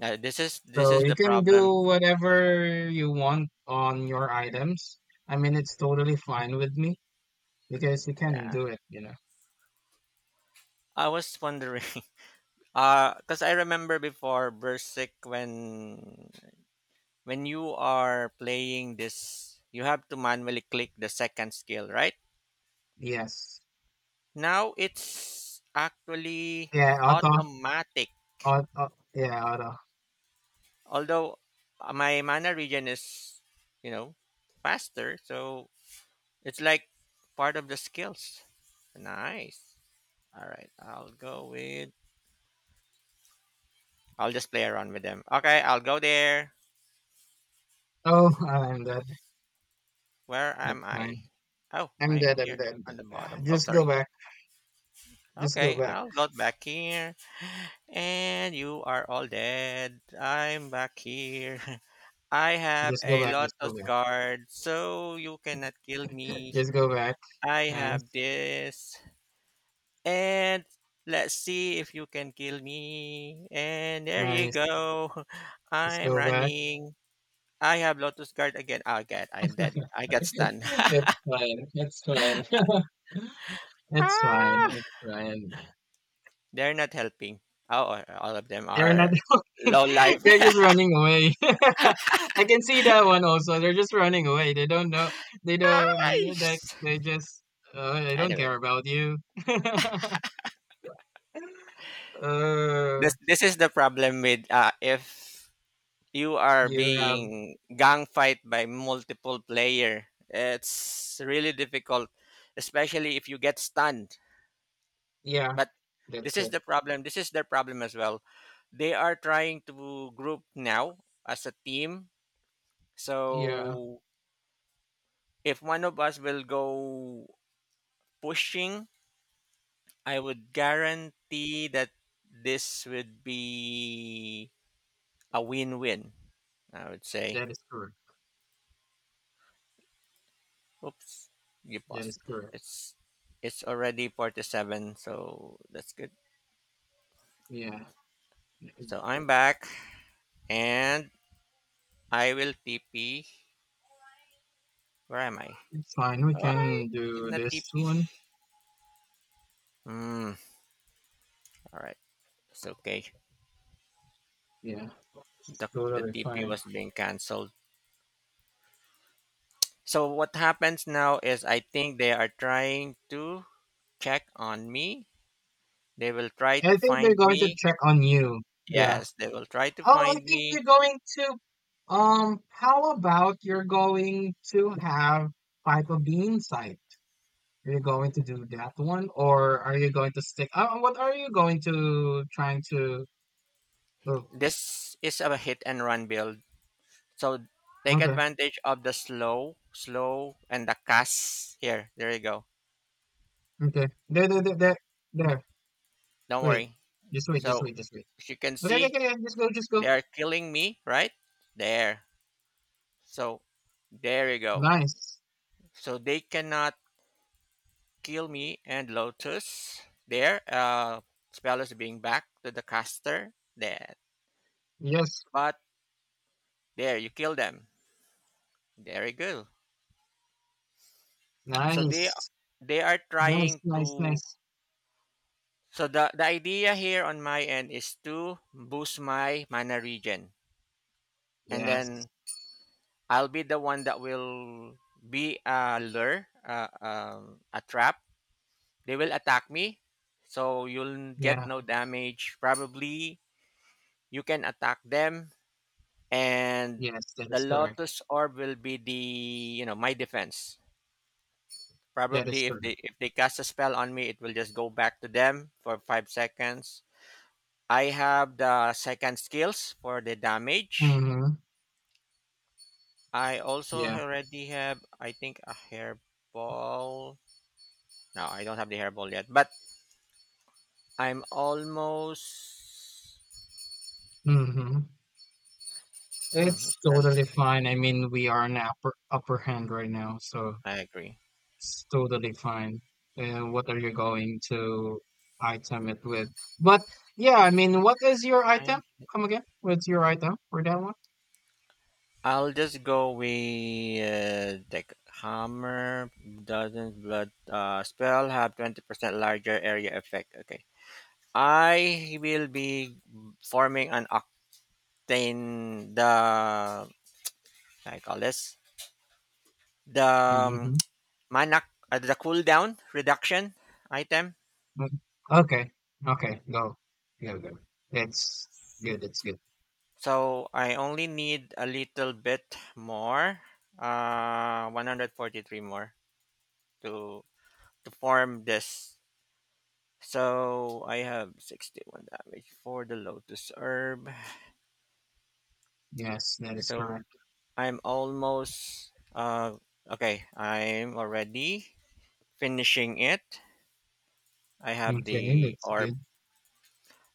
S1: This
S2: So
S1: is
S2: you
S1: the
S2: can
S1: problem.
S2: do whatever you want on your items. I mean, it's totally fine with me because you can
S1: Yeah.
S2: do it, you know.
S1: I was wondering, because I remember before Berserk when you are playing this, you have to manually click the second skill, right?
S2: Yes.
S1: Now it's actually
S2: Yeah, auto.
S1: automatic.
S2: Auto. Yeah, auto.
S1: Although, my mana regen is, you know, faster, so it's like part of the skills. Nice. All right, I'll go with. I'll just play around with them. Okay, I'll go there.
S2: Oh, I'm dead.
S1: Where
S2: It's
S1: am
S2: fine.
S1: I? Oh,
S2: I'm
S1: I'm
S2: dead. I'm
S1: here
S2: dead. I'm
S1: on
S2: dead.
S1: the
S2: Ah,
S1: bottom. Oh,
S2: just go
S1: sorry.
S2: back. Just go
S1: Okay,
S2: back.
S1: I'll go back here. And you are all dead. I'm back here. I have
S2: Just go
S1: a
S2: back. Just go
S1: lotus
S2: back.
S1: guard, so you cannot kill me.
S2: Just go back.
S1: I have
S2: Nice.
S1: this. And let's see if you can kill me. And there you
S2: Nice.
S1: go.
S2: Just
S1: I'm
S2: go back.
S1: running. I have lotus guard again. Ah, God, I'm dead. I got stunned.
S2: It's fine, it's fine. It's fine,
S1: Ah.
S2: it's fine.
S1: They're not helping. Oh, all of them
S2: They're not
S1: are
S2: looking.
S1: low life.
S2: They're just running away. I can see that one also. They're just running away. They don't know. They don't. I mean, like they just. I don't care
S1: Anyway,
S2: about you. uh,
S1: this is the problem with, if you are
S2: you have.
S1: being gang fight by multiple player. It's really difficult, especially if you get stunned.
S2: Yeah,
S1: But this
S2: that's
S1: is
S2: it.
S1: the problem. This is their problem as well. They are trying to group now as a team.
S2: Yeah,
S1: So if one of us will go pushing, I would guarantee that this would be a win-win. I would say.
S2: that is correct.
S1: Oops, you
S2: That is
S1: paused.
S2: correct.
S1: It's it's already 47, so that's good.
S2: Yeah, it-
S1: So I'm back, and I will TP. Where am I?
S2: it's fine. We
S1: Oh, I
S2: can
S1: did
S2: do
S1: not
S2: this
S1: TP.
S2: one.
S1: Hmm. All right, it's okay.
S2: Yeah, it's
S1: The
S2: totally
S1: TP
S2: fine.
S1: was being cancelled. So what happens now is I think they are trying to check on me. They will try
S2: I
S1: to
S2: think they're
S1: find
S2: going to
S1: me.
S2: check on you. Yeah.
S1: Yes, they will try to
S2: Oh, I
S1: find
S2: think
S1: me.
S2: you're going to. How about you're going to have pipe of bean site? Are you going to do that one, or are you going to stick? What are you going to trying to? Oh,
S1: This is a hit and run build. So take
S2: okay,
S1: advantage of the slow, slow, and the cast. Here, there you go.
S2: okay. There, there, there, there, there.
S1: Don't
S2: Wait,
S1: worry.
S2: just wait, just
S1: So
S2: wait, just wait.
S1: as you can
S2: Okay, okay,
S1: see,
S2: okay, okay, just go, just go.
S1: they are killing me, right? There. So there you go.
S2: Nice.
S1: So they cannot kill me and Lotus. There, spell is being back to the caster. There.
S2: Yes.
S1: But there, you kill them. There you go. so they
S2: Nice.
S1: they are
S2: Nice.
S1: trying
S2: Nice.
S1: to
S2: Nice.
S1: So the idea here on my end is to boost my mana region, and
S2: Yes.
S1: then I'll be the one that will be a lure, a trap. They will attack me, so you'll get
S2: Yeah.
S1: no damage probably. You can attack them, and
S2: Yes. That
S1: the
S2: is correct.
S1: lotus orb will be the, you know, my defense.
S2: That is
S1: Probably if
S2: correct.
S1: they, if they cast a spell on me, it will just go back to them for 5 seconds. I have the second skills for the damage.
S2: Mm-hmm.
S1: I also
S2: Yeah.
S1: already have, I think, a hairball. No, I don't have the hairball yet, but I'm almost.
S2: Mm-hmm.
S1: Hmm,
S2: It's
S1: it's not.
S2: totally fine. I mean, we are in upper hand right now, so
S1: I agree.
S2: it's totally fine. And what are you going to item it with? But yeah, I mean, what is your item?
S1: Nine.
S2: Come again? What's your item for that one?
S1: I'll just go with the hammer. Doesn't blood, spell have 20% larger area effect? Okay. I will be forming an octane, the, I call this the,
S2: Mm-hmm.
S1: manak, the cooldown reduction item.
S2: Mm-hmm. Okay. Okay. Go. Go. Go. That's good. That's good.
S1: So I only need a little bit more, 143 more to form this. So I have 61 damage for the lotus herb.
S2: Yes, that is
S1: So
S2: correct.
S1: I'm almost, okay. I'm already finishing it. I have
S2: Okay,
S1: the
S2: that's
S1: orb
S2: good.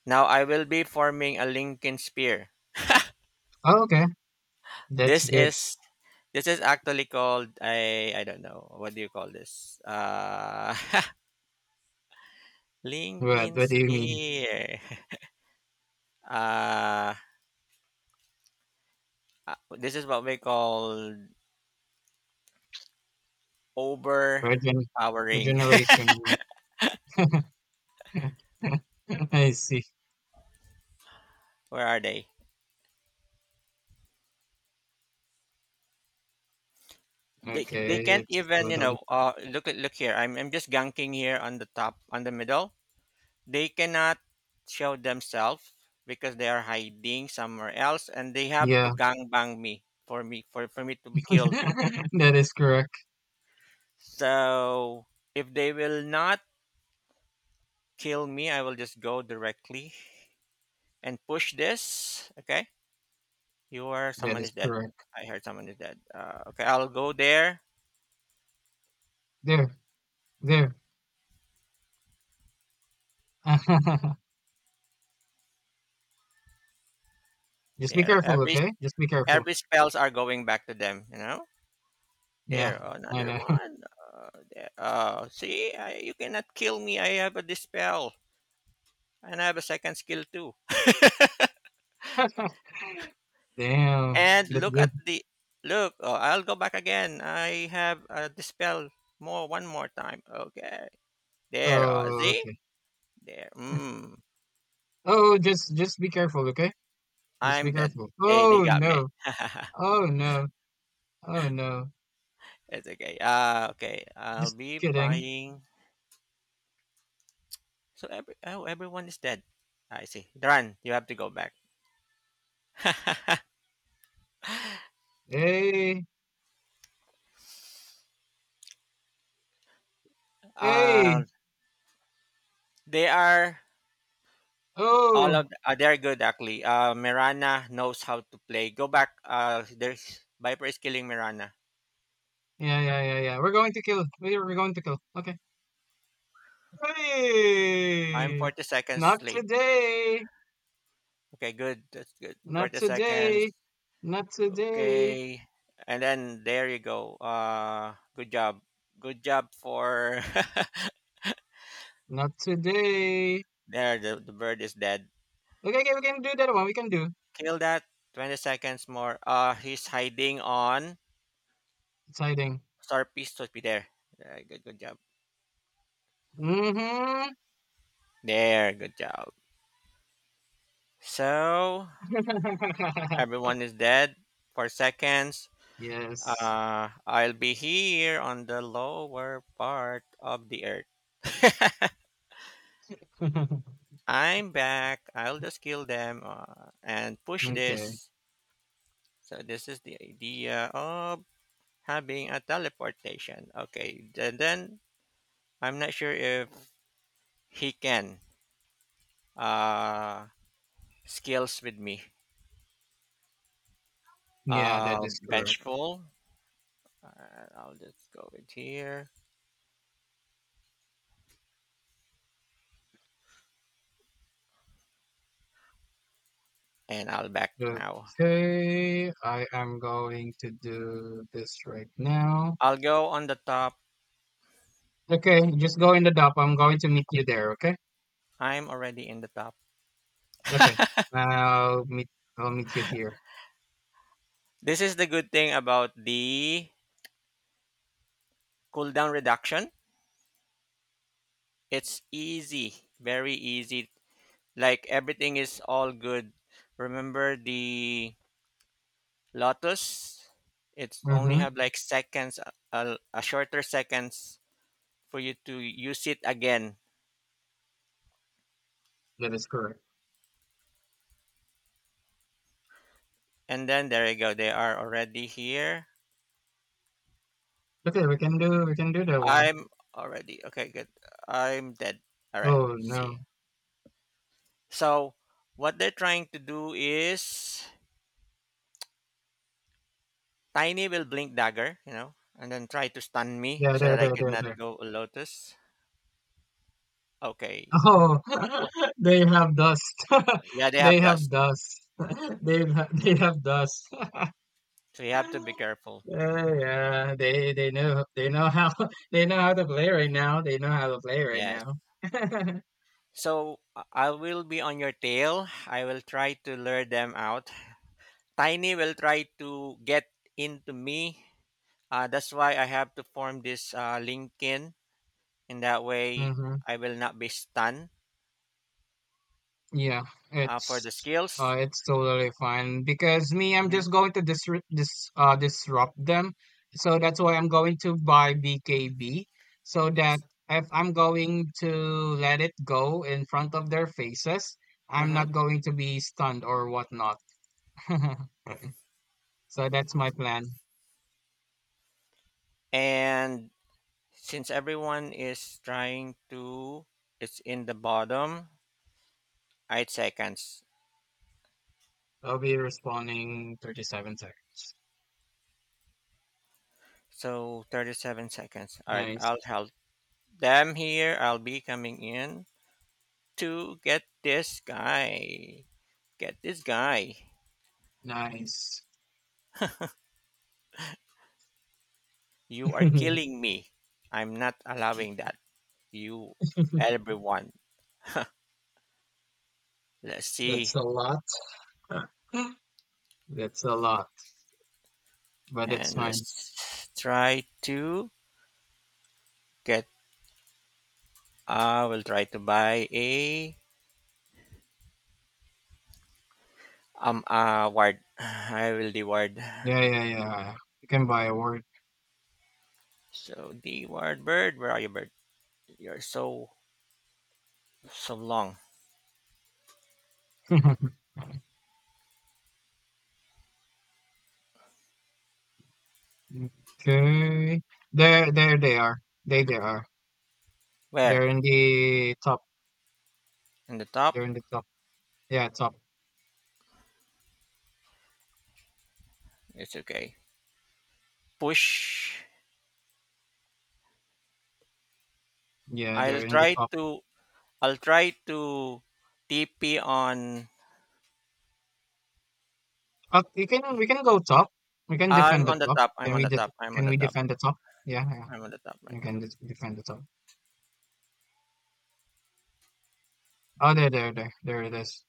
S1: now. I will be forming a Lincoln spear.
S2: Oh, okay, that's
S1: This
S2: good.
S1: is This is actually called, I don't know what do you call this?
S2: What?
S1: Linkin
S2: What do you mean?
S1: Spear. Uh, this is what we call
S2: Regen,
S1: overpowering.
S2: regeneration rune. I see.
S1: Where are they? They
S2: Okay,
S1: can't
S2: it's
S1: even, you know.
S2: totally f
S1: Look at, look here. I'm just ganking here on the top on the middle. They cannot show themselves because they are hiding somewhere else, and they have
S2: Yeah.
S1: to gangbang me for me to be killed.
S2: That is correct.
S1: So if they will not kill me, I will just go directly and push this. Okay, you are
S2: That
S1: someone is
S2: is
S1: dead.
S2: correct.
S1: I heard someone is dead. Okay, I'll go there.
S2: There, there. Just be
S1: There,
S2: careful, okay? Just be careful.
S1: every spells are going back to them. You know, there
S2: Yeah, I
S1: another
S2: know.
S1: one. There. See, you cannot kill me. I have a dispel and I have a second skill too.
S2: Damn,
S1: And
S2: that's
S1: look
S2: good.
S1: at the look. Oh, I'll go back again. I have a dispel more, one more time. Okay. There,
S2: Oh,
S1: see?
S2: okay.
S1: There. Mm,
S2: Oh, just be careful, okay? Just be
S1: I'm the
S2: careful.
S1: they
S2: Oh,
S1: got me.
S2: no. Oh, no. Oh, no.
S1: It's okay. Okay. I'll
S2: Just
S1: be
S2: kidding.
S1: buying, so every oh, everyone is dead. I see. Run, you have to go back.
S2: Hey,
S1: Um
S2: hey.
S1: they are all of
S2: Oh,
S1: they're good actually. Uh, Mirana knows how to play. Go back. Uh, there's Viper is killing Mirana.
S2: yeah, yeah, yeah, yeah. We're going to kill. We're going to kill. Okay.
S1: I'm
S2: Hey,
S1: 40 seconds
S2: not
S1: late.
S2: today,
S1: Okay, good. That's good.
S2: not
S1: 40
S2: today,
S1: seconds.
S2: not today,
S1: Okay. And then there you go. Uh, good job. Good job for
S2: not today.
S1: there the bird is dead.
S2: Okay, okay, we can do that one. We can do
S1: Kill that. 20 seconds more. Uh, he's hiding on
S2: exciting.
S1: star piece to be there. Yeah, good, good job.
S2: Mm-hmm.
S1: There, good job. So everyone is dead for seconds.
S2: Yes.
S1: Uh, I'll be here on the lower part of the earth. I'm back. I'll just kill them, and push
S2: Okay.
S1: this. So this is the idea of having a teleportation. Okay, and then I'm not sure if he can, uh, skills with me.
S2: Yeah, that is correct.
S1: Bench pull. I'll just go with here, and I'll back now.
S2: Okay, I am going to do this right now.
S1: I'll go on the top.
S2: Okay, just go in the dock. I'm going to meet you there. Okay.
S1: I'm already in the top.
S2: Okay. I'll meet. I'll meet you here.
S1: This is the good thing about the cooldown reduction. It's easy, very easy. Like everything is all good. Remember the Lotus, it's only
S2: Mm-hmm.
S1: have like seconds, a shorter seconds for you to use it again.
S2: That is correct.
S1: And then there you go. They are already here.
S2: Okay, we can do that one.
S1: I'm already okay. Good. I'm dead. All right.
S2: Oh, no.
S1: See. So what they're trying to do is Tiny will blink dagger, you know, and then try to stun me
S2: Yeah,
S1: so
S2: there,
S1: that I
S2: there,
S1: could
S2: there,
S1: not
S2: there.
S1: go Lotus. Okay.
S2: Oh, they have dust.
S1: Yeah, they
S2: They
S1: have
S2: have
S1: dust,
S2: dust. They have dust.
S1: so you have to be careful.
S2: Yeah, yeah. They know how they know how to play right now. They know how to play right
S1: Yes.
S2: now.
S1: So I will be on your tail. I will try to lure them out. Tiny will try to get into me. That's why I have to form this, LinkedIn. In that way,
S2: hmm.
S1: I will not be stunned,
S2: Yeah,
S1: for the
S2: it's
S1: skills.
S2: it's totally fine because me, I'm
S1: Hmm.
S2: just going to disrupt them. So that's why I'm going to buy BKB so that
S1: Yes.
S2: if I'm going to let it go in front of their faces, I'm
S1: Hmm.
S2: not going to be stunned or whatnot. So that's my plan.
S1: And since everyone is trying to, it's in the bottom, 8 seconds.
S2: I'll be responding 37 seconds.
S1: So 37 seconds. All right,
S2: Nice,
S1: I'll help them here. I'll be coming in. To Get this guy. Get this guy.
S2: nice.
S1: You are killing me. I'm not allowing that. You, everyone. Let's see.
S2: That's a lot. That's a lot, but it's
S1: And
S2: fine.
S1: let's try to get. I will try to buy a ward. I will the ward.
S2: Yeah, yeah, yeah. You can buy a word.
S1: So the ward bird, where are you, bird? You're so long.
S2: Okay. There they are. They are.
S1: Where?
S2: They're in the top.
S1: In the top?
S2: They're in the top. Yeah, top.
S1: It's okay. Push.
S2: Yeah,
S1: I'll
S2: they're in the
S1: try
S2: top.
S1: to I'll try to TP on.
S2: We can go top. We can defend
S1: I'm
S2: the
S1: on the
S2: top.
S1: top.
S2: Can we?
S1: I'm on
S2: Can
S1: the
S2: we
S1: top.
S2: defend the top? Yeah, yeah.
S1: I'm on the top right
S2: We
S1: now.
S2: can defend the top. Oh, there it is.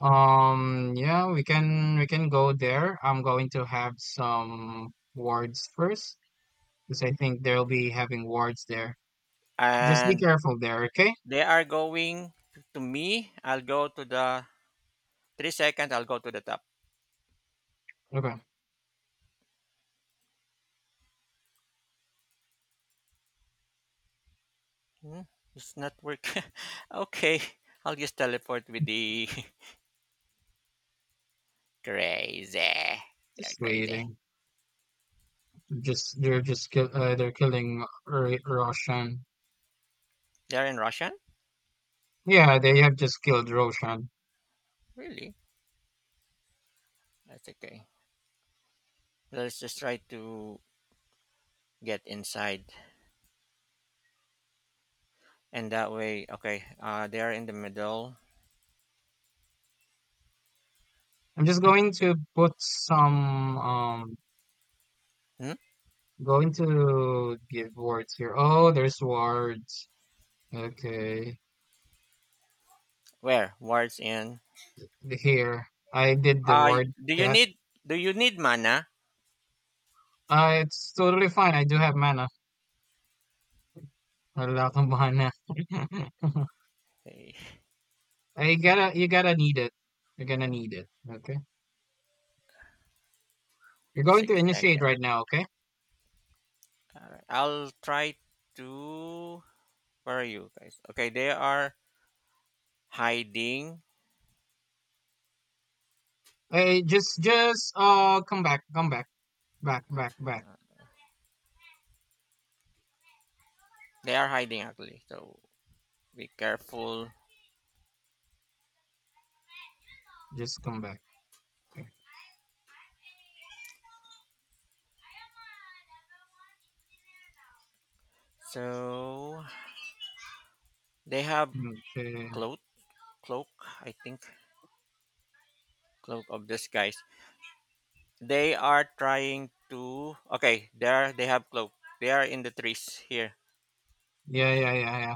S2: Yeah, we can go there. I'm going to have some wards first because I think they'll be having wards there. Just be
S1: And
S2: careful there, okay?
S1: they are going to me. I'll go to the 3 seconds. I'll go to the top.
S2: Okay,
S1: Hmm, it's not working. Okay. I'll just teleport with the crazy. They're
S2: just
S1: crazy.
S2: waiting. Just they're just kill. They're killing Roshan.
S1: They're in Russian?
S2: Yeah, they have just killed Roshan.
S1: Really? That's okay. Let's just try to get inside. And that way, okay. They're in the middle.
S2: I'm just going to put some.
S1: Hmm?
S2: Going to give wards here. Oh, there's wards. Okay,
S1: Where? Wards in.
S2: here I did the
S1: I
S2: ward that.
S1: do you need mana?
S2: It's totally fine. I do have mana. A lot of mana.
S1: Okay,
S2: I gotta, you gotta need it. You're gonna need it. Okay. You're going to
S1: six
S2: initiate
S1: seconds.
S2: right now. Okay.
S1: All right. I'll try to. Where are you guys? Okay, they are hiding.
S2: Hey, just come back, back, back, back.
S1: They are hiding actually. So be careful.
S2: Just come back.
S1: So they have
S2: Okay.
S1: cloak, cloak. I think cloak of this guys. They are trying to. Okay, there. They have cloak. They are in the trees here.
S2: Yeah, yeah, yeah, yeah.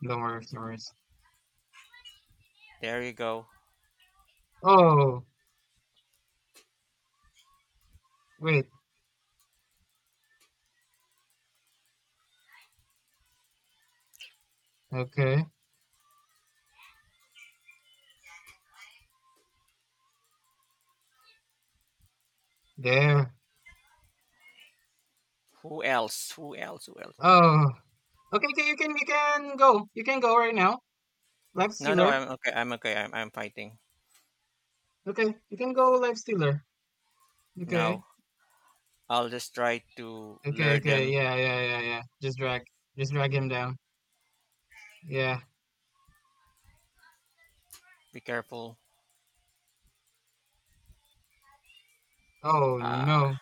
S2: No worries, no worries.
S1: There you go.
S2: Oh, wait. Okay. There.
S1: Who else? Who else?
S2: Oh. Okay, okay, you can go. You can go right now. Life
S1: No, no,
S2: stealer.
S1: I'm okay. I'm okay, I'm fighting.
S2: Okay, you can go life stealer. Okay.
S1: No. I'll just try to
S2: Okay,
S1: lure
S2: okay,
S1: them.
S2: yeah, yeah, yeah, yeah. Just drag. Just drag him down. Yeah.
S1: Be careful.
S2: Oh,
S1: Ah,
S2: no.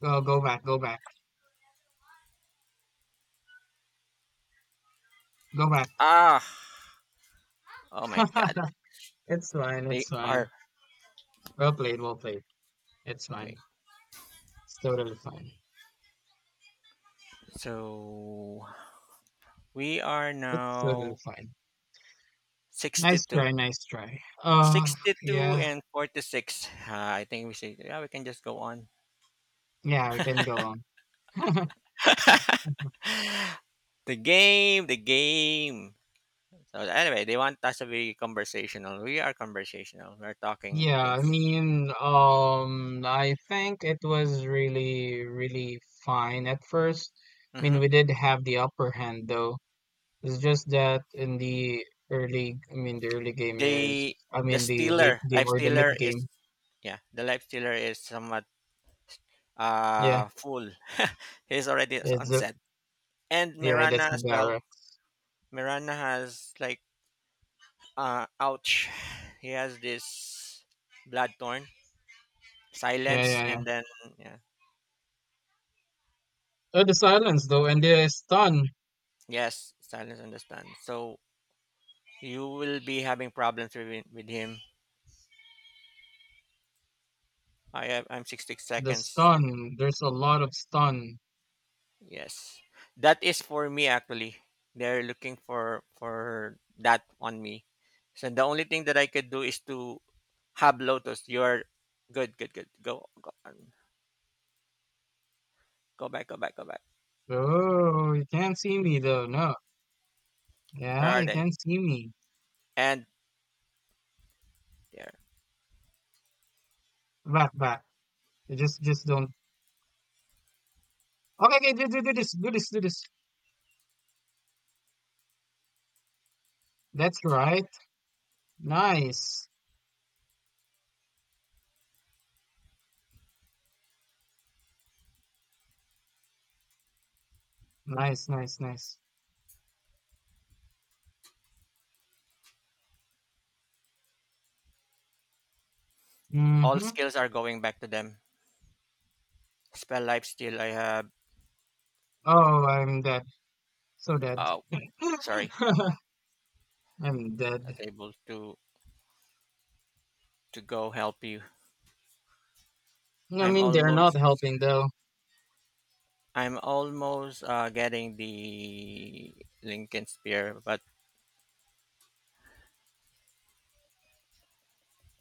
S2: Go, go back, go back, go back.
S1: ah! Oh my God,
S2: It's fine, it's
S1: they are
S2: fine. Well played, well played. It's
S1: okay.
S2: fine. It's totally fine.
S1: So we are
S2: It's totally
S1: now
S2: fine. Nice
S1: sixty-two,
S2: try, nice try.
S1: 62
S2: Yeah,
S1: and 46. Ah, I think we should. Yeah, we can just go on.
S2: yeah, we can go on.
S1: The game. So anyway, they want us to be conversational. We are conversational. We're talking
S2: Yeah, I
S1: things.
S2: mean, I think it was really, really fine at first. I mean,
S1: Mm-hmm.
S2: we did have the upper hand though. It's just that in the early, I mean, the early game is,
S1: The
S2: I
S1: the
S2: mean, the late
S1: stealer,
S2: game
S1: life
S2: or the mid
S1: stealer is
S2: game.
S1: yeah. The life stealer is somewhat
S2: Yeah,
S1: full. He's already
S2: it's
S1: on
S2: the,
S1: set, and
S2: yeah, that's
S1: mirana
S2: the
S1: as well.
S2: barrack.
S1: Mirana has like ouch. He has this blood torn
S2: Yeah,
S1: silence
S2: yeah, yeah.
S1: and then yeah.
S2: Oh, the silence though, and the stun.
S1: Yes, silence understand. So you will be having problems with him. I have I'm 60
S2: The
S1: seconds.
S2: stun. There's a lot of stun.
S1: Yes, that is for me actually. They're looking for that on me. So the only thing that I could do is to Hab Lotus, you're good. On. Go back.
S2: Oh, you can't see me though. No.
S1: Where
S2: Yeah,
S1: are
S2: you
S1: they?
S2: can't see me.
S1: And there.
S2: Back, back. You just don't. Okay, okay. Do, do, do this. Do this. Do this. That's right. Nice. Nice. Nice. Nice.
S1: All
S2: Mm-hmm.
S1: skills are going back to them. Spell life still. I have.
S2: Oh, I'm dead. So dead.
S1: Oh, sorry.
S2: I'm
S1: Not
S2: dead.
S1: able to go help you.
S2: I
S1: I'm
S2: mean, they're not
S1: almost.
S2: helping though.
S1: I'm almost getting the Lincoln Spear. But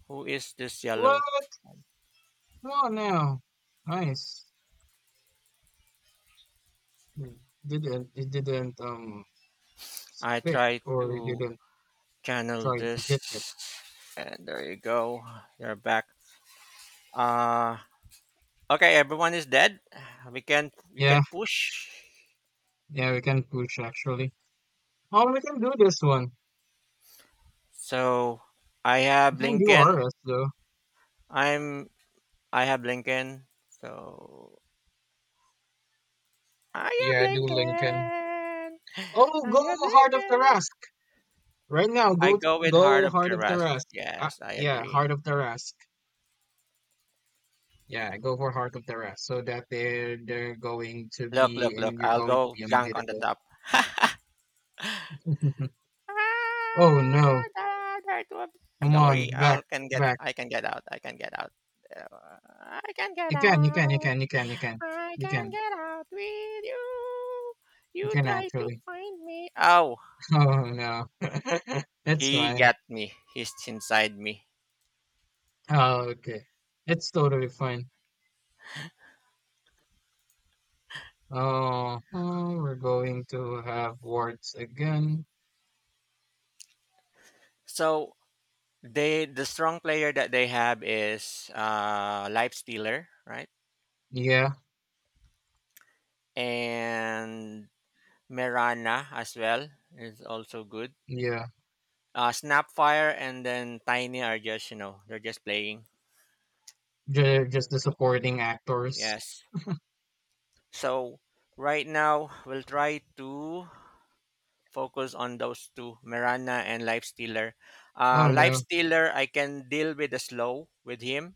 S1: who is this yellow?
S2: What? Come on now. Nice. You Didn't. It didn't
S1: I
S2: stick
S1: try
S2: or you
S1: to
S2: didn't
S1: channel
S2: try to hit.
S1: this, and there you go. You're back. Uh, okay, everyone is dead. We can you
S2: Yeah,
S1: can push.
S2: yeah, we can push actually. Oh, we can do this one.
S1: So I
S2: We
S1: have
S2: can do
S1: Lincoln.
S2: RS though.
S1: I'm I have Lincoln. So I
S2: Yeah,
S1: have
S2: do Lincoln.
S1: Lincoln.
S2: Oh,
S1: I
S2: go
S1: have
S2: Heart of the
S1: Lincoln.
S2: Rask right now.
S1: I
S2: Go,
S1: go with Heart
S2: go
S1: of
S2: Heart of the
S1: Keras.
S2: Rask. Uh,
S1: Yes, I
S2: yeah,
S1: agree.
S2: Heart of the Rask. Yeah, go for Heart of the Rask so that they're going to be and
S1: Look.
S2: you're
S1: I'll
S2: going to
S1: go
S2: be
S1: junk on the
S2: unbeatable.
S1: top.
S2: Oh
S1: Ah,
S2: no! Come
S1: don't worry.
S2: on,
S1: I
S2: back,
S1: will can get.
S2: back.
S1: I can get out. I can get out. Uh, I can get
S2: You can, you can, you
S1: out.
S2: can, you can, you can,
S1: I
S2: you
S1: can't
S2: can,
S1: get out with you.
S2: you
S1: You
S2: can
S1: try to
S2: actually.
S1: find me. Oh,
S2: Oh no, it's
S1: he
S2: fine.
S1: got me. He's inside me.
S2: Oh, okay, it's totally fine. Oh, oh, we're going to have warts again.
S1: So they the strong player that they have is Life Stealer, right?
S2: Yeah,
S1: And Merana as well is also good.
S2: yeah.
S1: Snapfire and then Tiny are just, you know, they're just playing.
S2: Just the supporting actors.
S1: Yes. So right now we'll try to focus on those two, Miranda and Lifestealer.
S2: Oh
S1: Life
S2: no.
S1: Stealer, I can deal with the slow with him.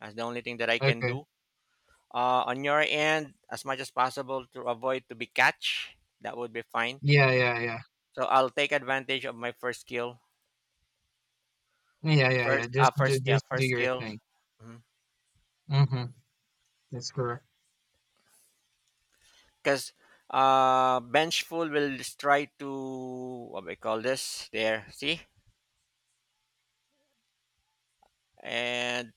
S1: That's the only thing that I can
S2: Okay.
S1: do. On your end, as much as possible to avoid to be catch, that would be fine.
S2: Yeah, yeah, yeah.
S1: So I'll take advantage of my first skill.
S2: Yeah, yeah, yeah. Just do,
S1: Yeah,
S2: just do
S1: first
S2: your
S1: skill.
S2: thing. Mm-hmm. That's correct.
S1: Because Benchful will just try to what we call this there. See and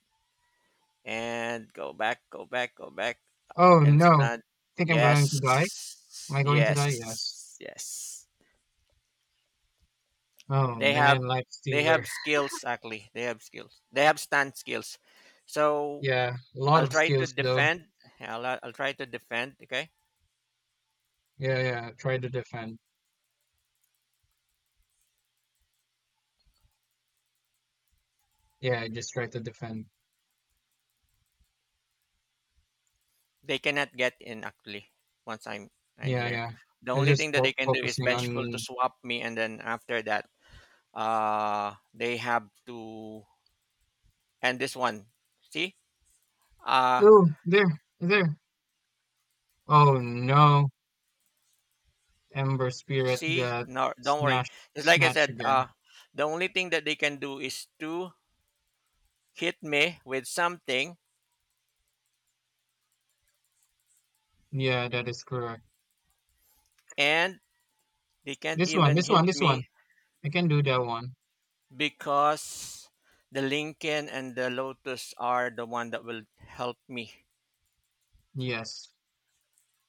S1: go back, go back.
S2: Oh
S1: And
S2: no.
S1: stand.
S2: Think I'm going to die? Am I going to die? Yes.
S1: Yes.
S2: Oh
S1: They
S2: man,
S1: have
S2: life
S1: they
S2: stealer.
S1: have skills actually. They have skills. They have stand skills. So
S2: Yeah, a lot
S1: I'll
S2: of
S1: try to
S2: skills though.
S1: defend. Yeah, I'll try to defend. Okay,
S2: Yeah, yeah. Try to defend. Yeah, I just try to defend.
S1: they cannot get in actually once I'm
S2: Yeah,
S1: here.
S2: yeah.
S1: The
S2: They're
S1: only
S2: just
S1: thing that
S2: fo
S1: they can do is
S2: focusing
S1: vengeful to
S2: on.
S1: swap me, and then after that, they have to end this one. See, uh,
S2: Oh, there, there. Oh no, Ember Spirit
S1: see,
S2: got
S1: no, don't worry.
S2: snatched
S1: It's like I
S2: snatched
S1: said,
S2: again.
S1: the only thing that they can do is to hit me with something,
S2: Yeah, that is correct.
S1: and they can't even hit
S2: This one.
S1: me
S2: I can do that one.
S1: because the Lincoln and the Lotus are the one that will help me.
S2: Yes,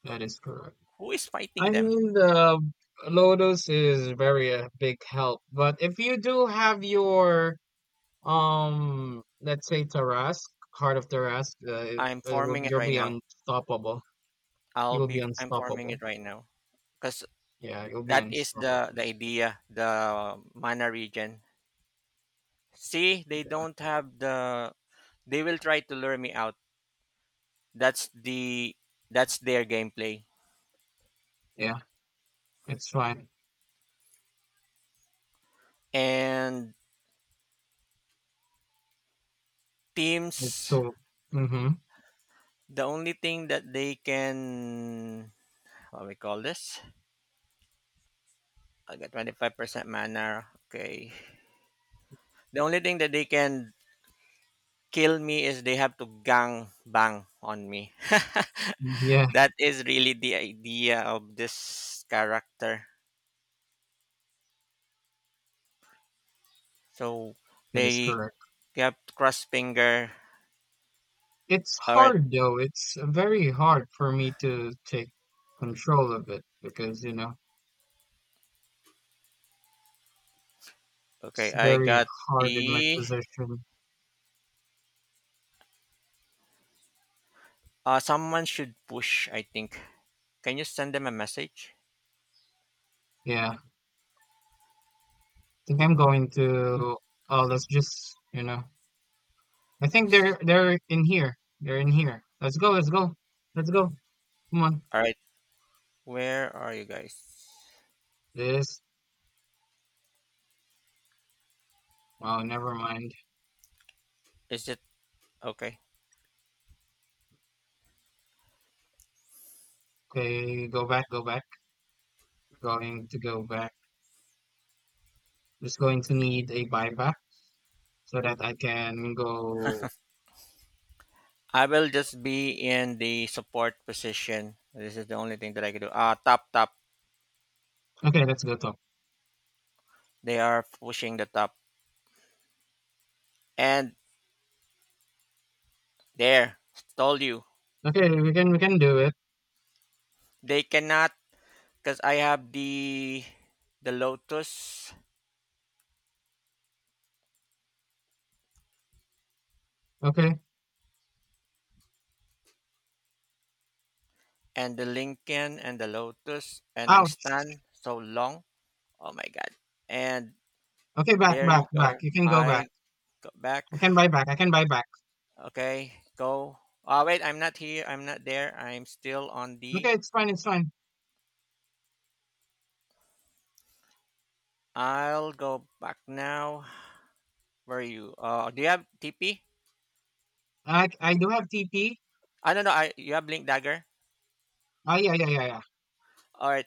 S2: that is correct.
S1: Who is
S2: I
S1: fighting them?
S2: mean the Lotus is very a big help, but if you do have your let's say Tarask, Heart of Tarask, it,
S1: I'm
S2: it will
S1: forming
S2: be,
S1: it
S2: you'll
S1: right
S2: be
S1: now.
S2: unstoppable.
S1: I'll
S2: You'll be
S1: be. I'm forming
S2: unstoppable.
S1: it right now because
S2: Yeah, you'll be
S1: that is
S2: unstoppable.
S1: the idea. The mana region. See, they
S2: Yeah,
S1: don't have the. They will try to lure me out. That's the that's their gameplay.
S2: yeah, it's fine.
S1: And
S2: It's
S1: teams,
S2: cool. Mm-hmm.
S1: the only thing that they can what we call this? I got 25% mana. Okay. The only thing that they can kill me is they have to gang bang on me.
S2: Yeah.
S1: That is really the idea of this character. So
S2: That is
S1: they
S2: correct.
S1: kept cross finger.
S2: It's
S1: All right.
S2: hard though. It's very hard for me to take control of it because, you know, it's
S1: Okay, I
S2: very
S1: got
S2: hard in my
S1: the.
S2: position.
S1: Someone should push. I think can you send them a message?
S2: Yeah. I think I'm going to oh let's just. I think they're in here. They're in here. Let's go, let's go. Let's go. Come on.
S1: All right. Where are you guys?
S2: This oh never mind.
S1: Is it okay?
S2: Okay, go back, go back. Going to go back. Just going to need a buyback so that I can go
S1: I will just be in the support position. This is the only thing that I can do. Ah, top.
S2: okay, let's go talk.
S1: They are pushing the top. And there, told you.
S2: Okay, we can do it.
S1: They cannot because I have the Lotus
S2: Okay.
S1: and the Lincoln and the Lotus and I'm
S2: Ouch.
S1: stunned so long. Oh my god. And
S2: Okay, back,
S1: there
S2: back,
S1: you
S2: back.
S1: go.
S2: You can go back.
S1: I got back.
S2: I can buy back. I can buy back.
S1: Okay, go. Oh, wait, I'm not here. I'm not there. I'm still on the.
S2: Okay, it's fine. It's fine.
S1: I'll go back now. Where are you? Do you have TP?
S2: I do have TP.
S1: I don't know. I you have Blink Dagger.
S2: Ah,
S1: All right.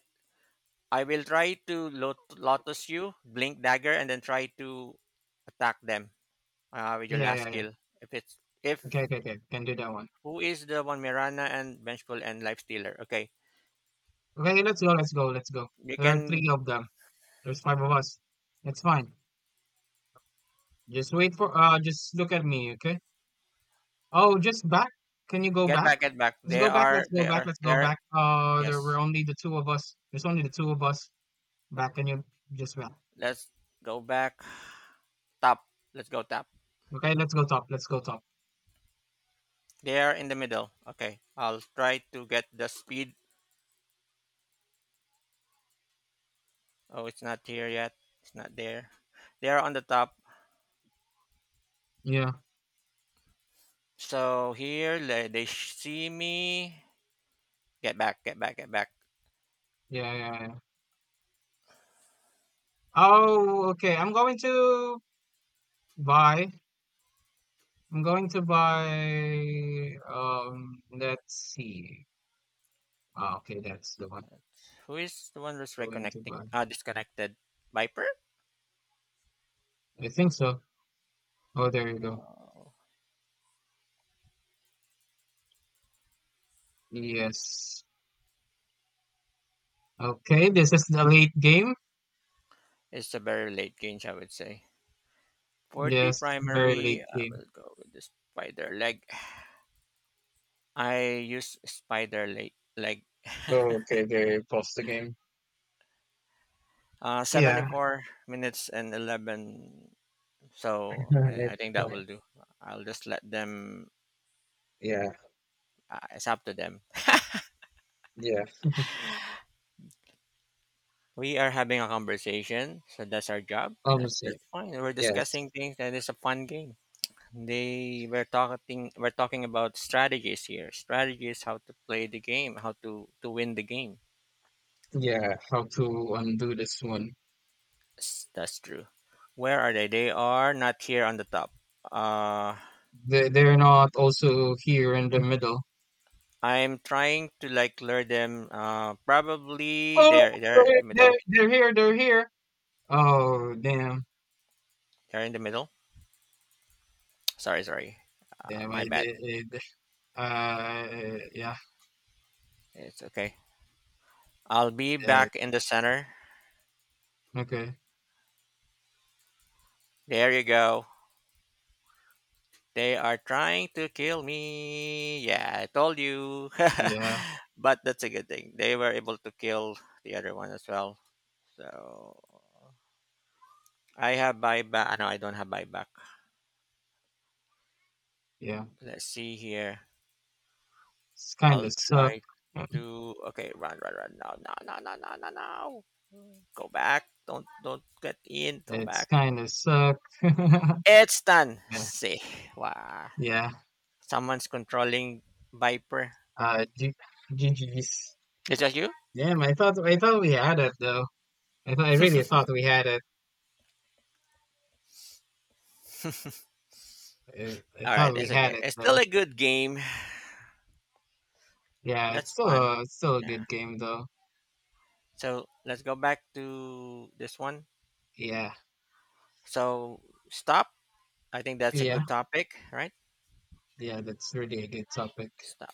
S1: I will try to Lotus you, Blink Dagger, and then try to attack them with your last
S2: yeah.
S1: skill. If it's if
S2: Okay. Can do that one.
S1: who is the one Mirana and Vengeful and Lifestealer? Okay,
S2: Okay, let's go. Let's go. Let's go.
S1: you
S2: There are three
S1: can
S2: of them. There's five of us. It's fine. Just wait for. Just look at me. Okay. Oh, just back. Can you go back?
S1: get back.
S2: Let's go back. Let's go back. Let's
S1: They
S2: go
S1: are.
S2: back. There
S1: Yes.
S2: were only the two of us. There's only the two of us. Back. Can you just back?
S1: Let's go back. Top. Let's go tap.
S2: Okay, let's go top. Let's go top.
S1: They are in the middle. Okay, I'll try to get the speed. Oh, it's not here yet. It's not there. They are on the top.
S2: Yeah.
S1: So here, see me. Get back.
S2: Yeah, yeah, yeah. Oh, okay. I'm going to buy. I'm going to buy. Let's see. Ah, okay, that's the one.
S1: Who is the one that's
S2: Going to
S1: reconnecting?
S2: buy.
S1: Ah, disconnected. Viper?
S2: I think so. Oh, there you go.
S1: Oh,
S2: Yes. Okay, this is the late game.
S1: it's a very late game, I would say. 40
S2: Yes, very
S1: primary.
S2: late
S1: I
S2: game.
S1: will go with the spider leg. I use spider leg.
S2: Oh, okay, they pause the game. Yeah,
S1: 74 minutes and 11. So I
S2: it's
S1: think that
S2: fine.
S1: will do. I'll just let them.
S2: Yeah,
S1: It's up to them.
S2: yeah.
S1: We are having a conversation, so that's our job.
S2: Honestly,
S1: That's fine. We're
S2: yes.
S1: discussing things, and it's a fun game. They were talking. We're talking about strategies here. Strategies, how to play the game, how to win the game.
S2: Yeah, how to undo this one?
S1: Yes, that's true. Where are they? They are not here on the top. Uh,
S2: They they're not also here in the middle.
S1: I'm trying to like lure them. Probably
S2: Oh,
S1: they're in
S2: they're,
S1: the
S2: they're
S1: middle.
S2: they're here, they're here. Oh, damn.
S1: They're in the middle. Sorry, sorry.
S2: Damn, I
S1: My bad.
S2: did it. Yeah.
S1: It's okay. I'll be
S2: It,
S1: back in the center.
S2: okay.
S1: There you go. They are trying to kill me. Yeah, I told you.
S2: Yeah,
S1: But that's a good thing. They were able to kill the other one as well. So I have buyback. Ah, no, I don't have buyback.
S2: yeah.
S1: Let's see here.
S2: It's kind
S1: I'll
S2: of suck.
S1: try to. Okay, run. No, No. Go back. Don't get in. Go
S2: It's
S1: back.
S2: kind of suck.
S1: It's done.
S2: Yeah,
S1: See. Wow.
S2: yeah.
S1: Someone's controlling Viper.
S2: G GG's.
S1: Is that you?
S2: Damn, I thought we had it though. I really thought we had it. I
S1: All
S2: thought
S1: right,
S2: we
S1: it's
S2: had
S1: okay.
S2: it
S1: It's
S2: though.
S1: still a good game.
S2: Yeah,
S1: That's fun.
S2: it's still a good
S1: Yeah.
S2: game though.
S1: So let's go back to this one.
S2: Yeah,
S1: So stop. I think that's a
S2: yeah,
S1: good topic, right?
S2: yeah. That's really a good topic.
S1: Stop.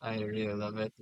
S2: I really love it.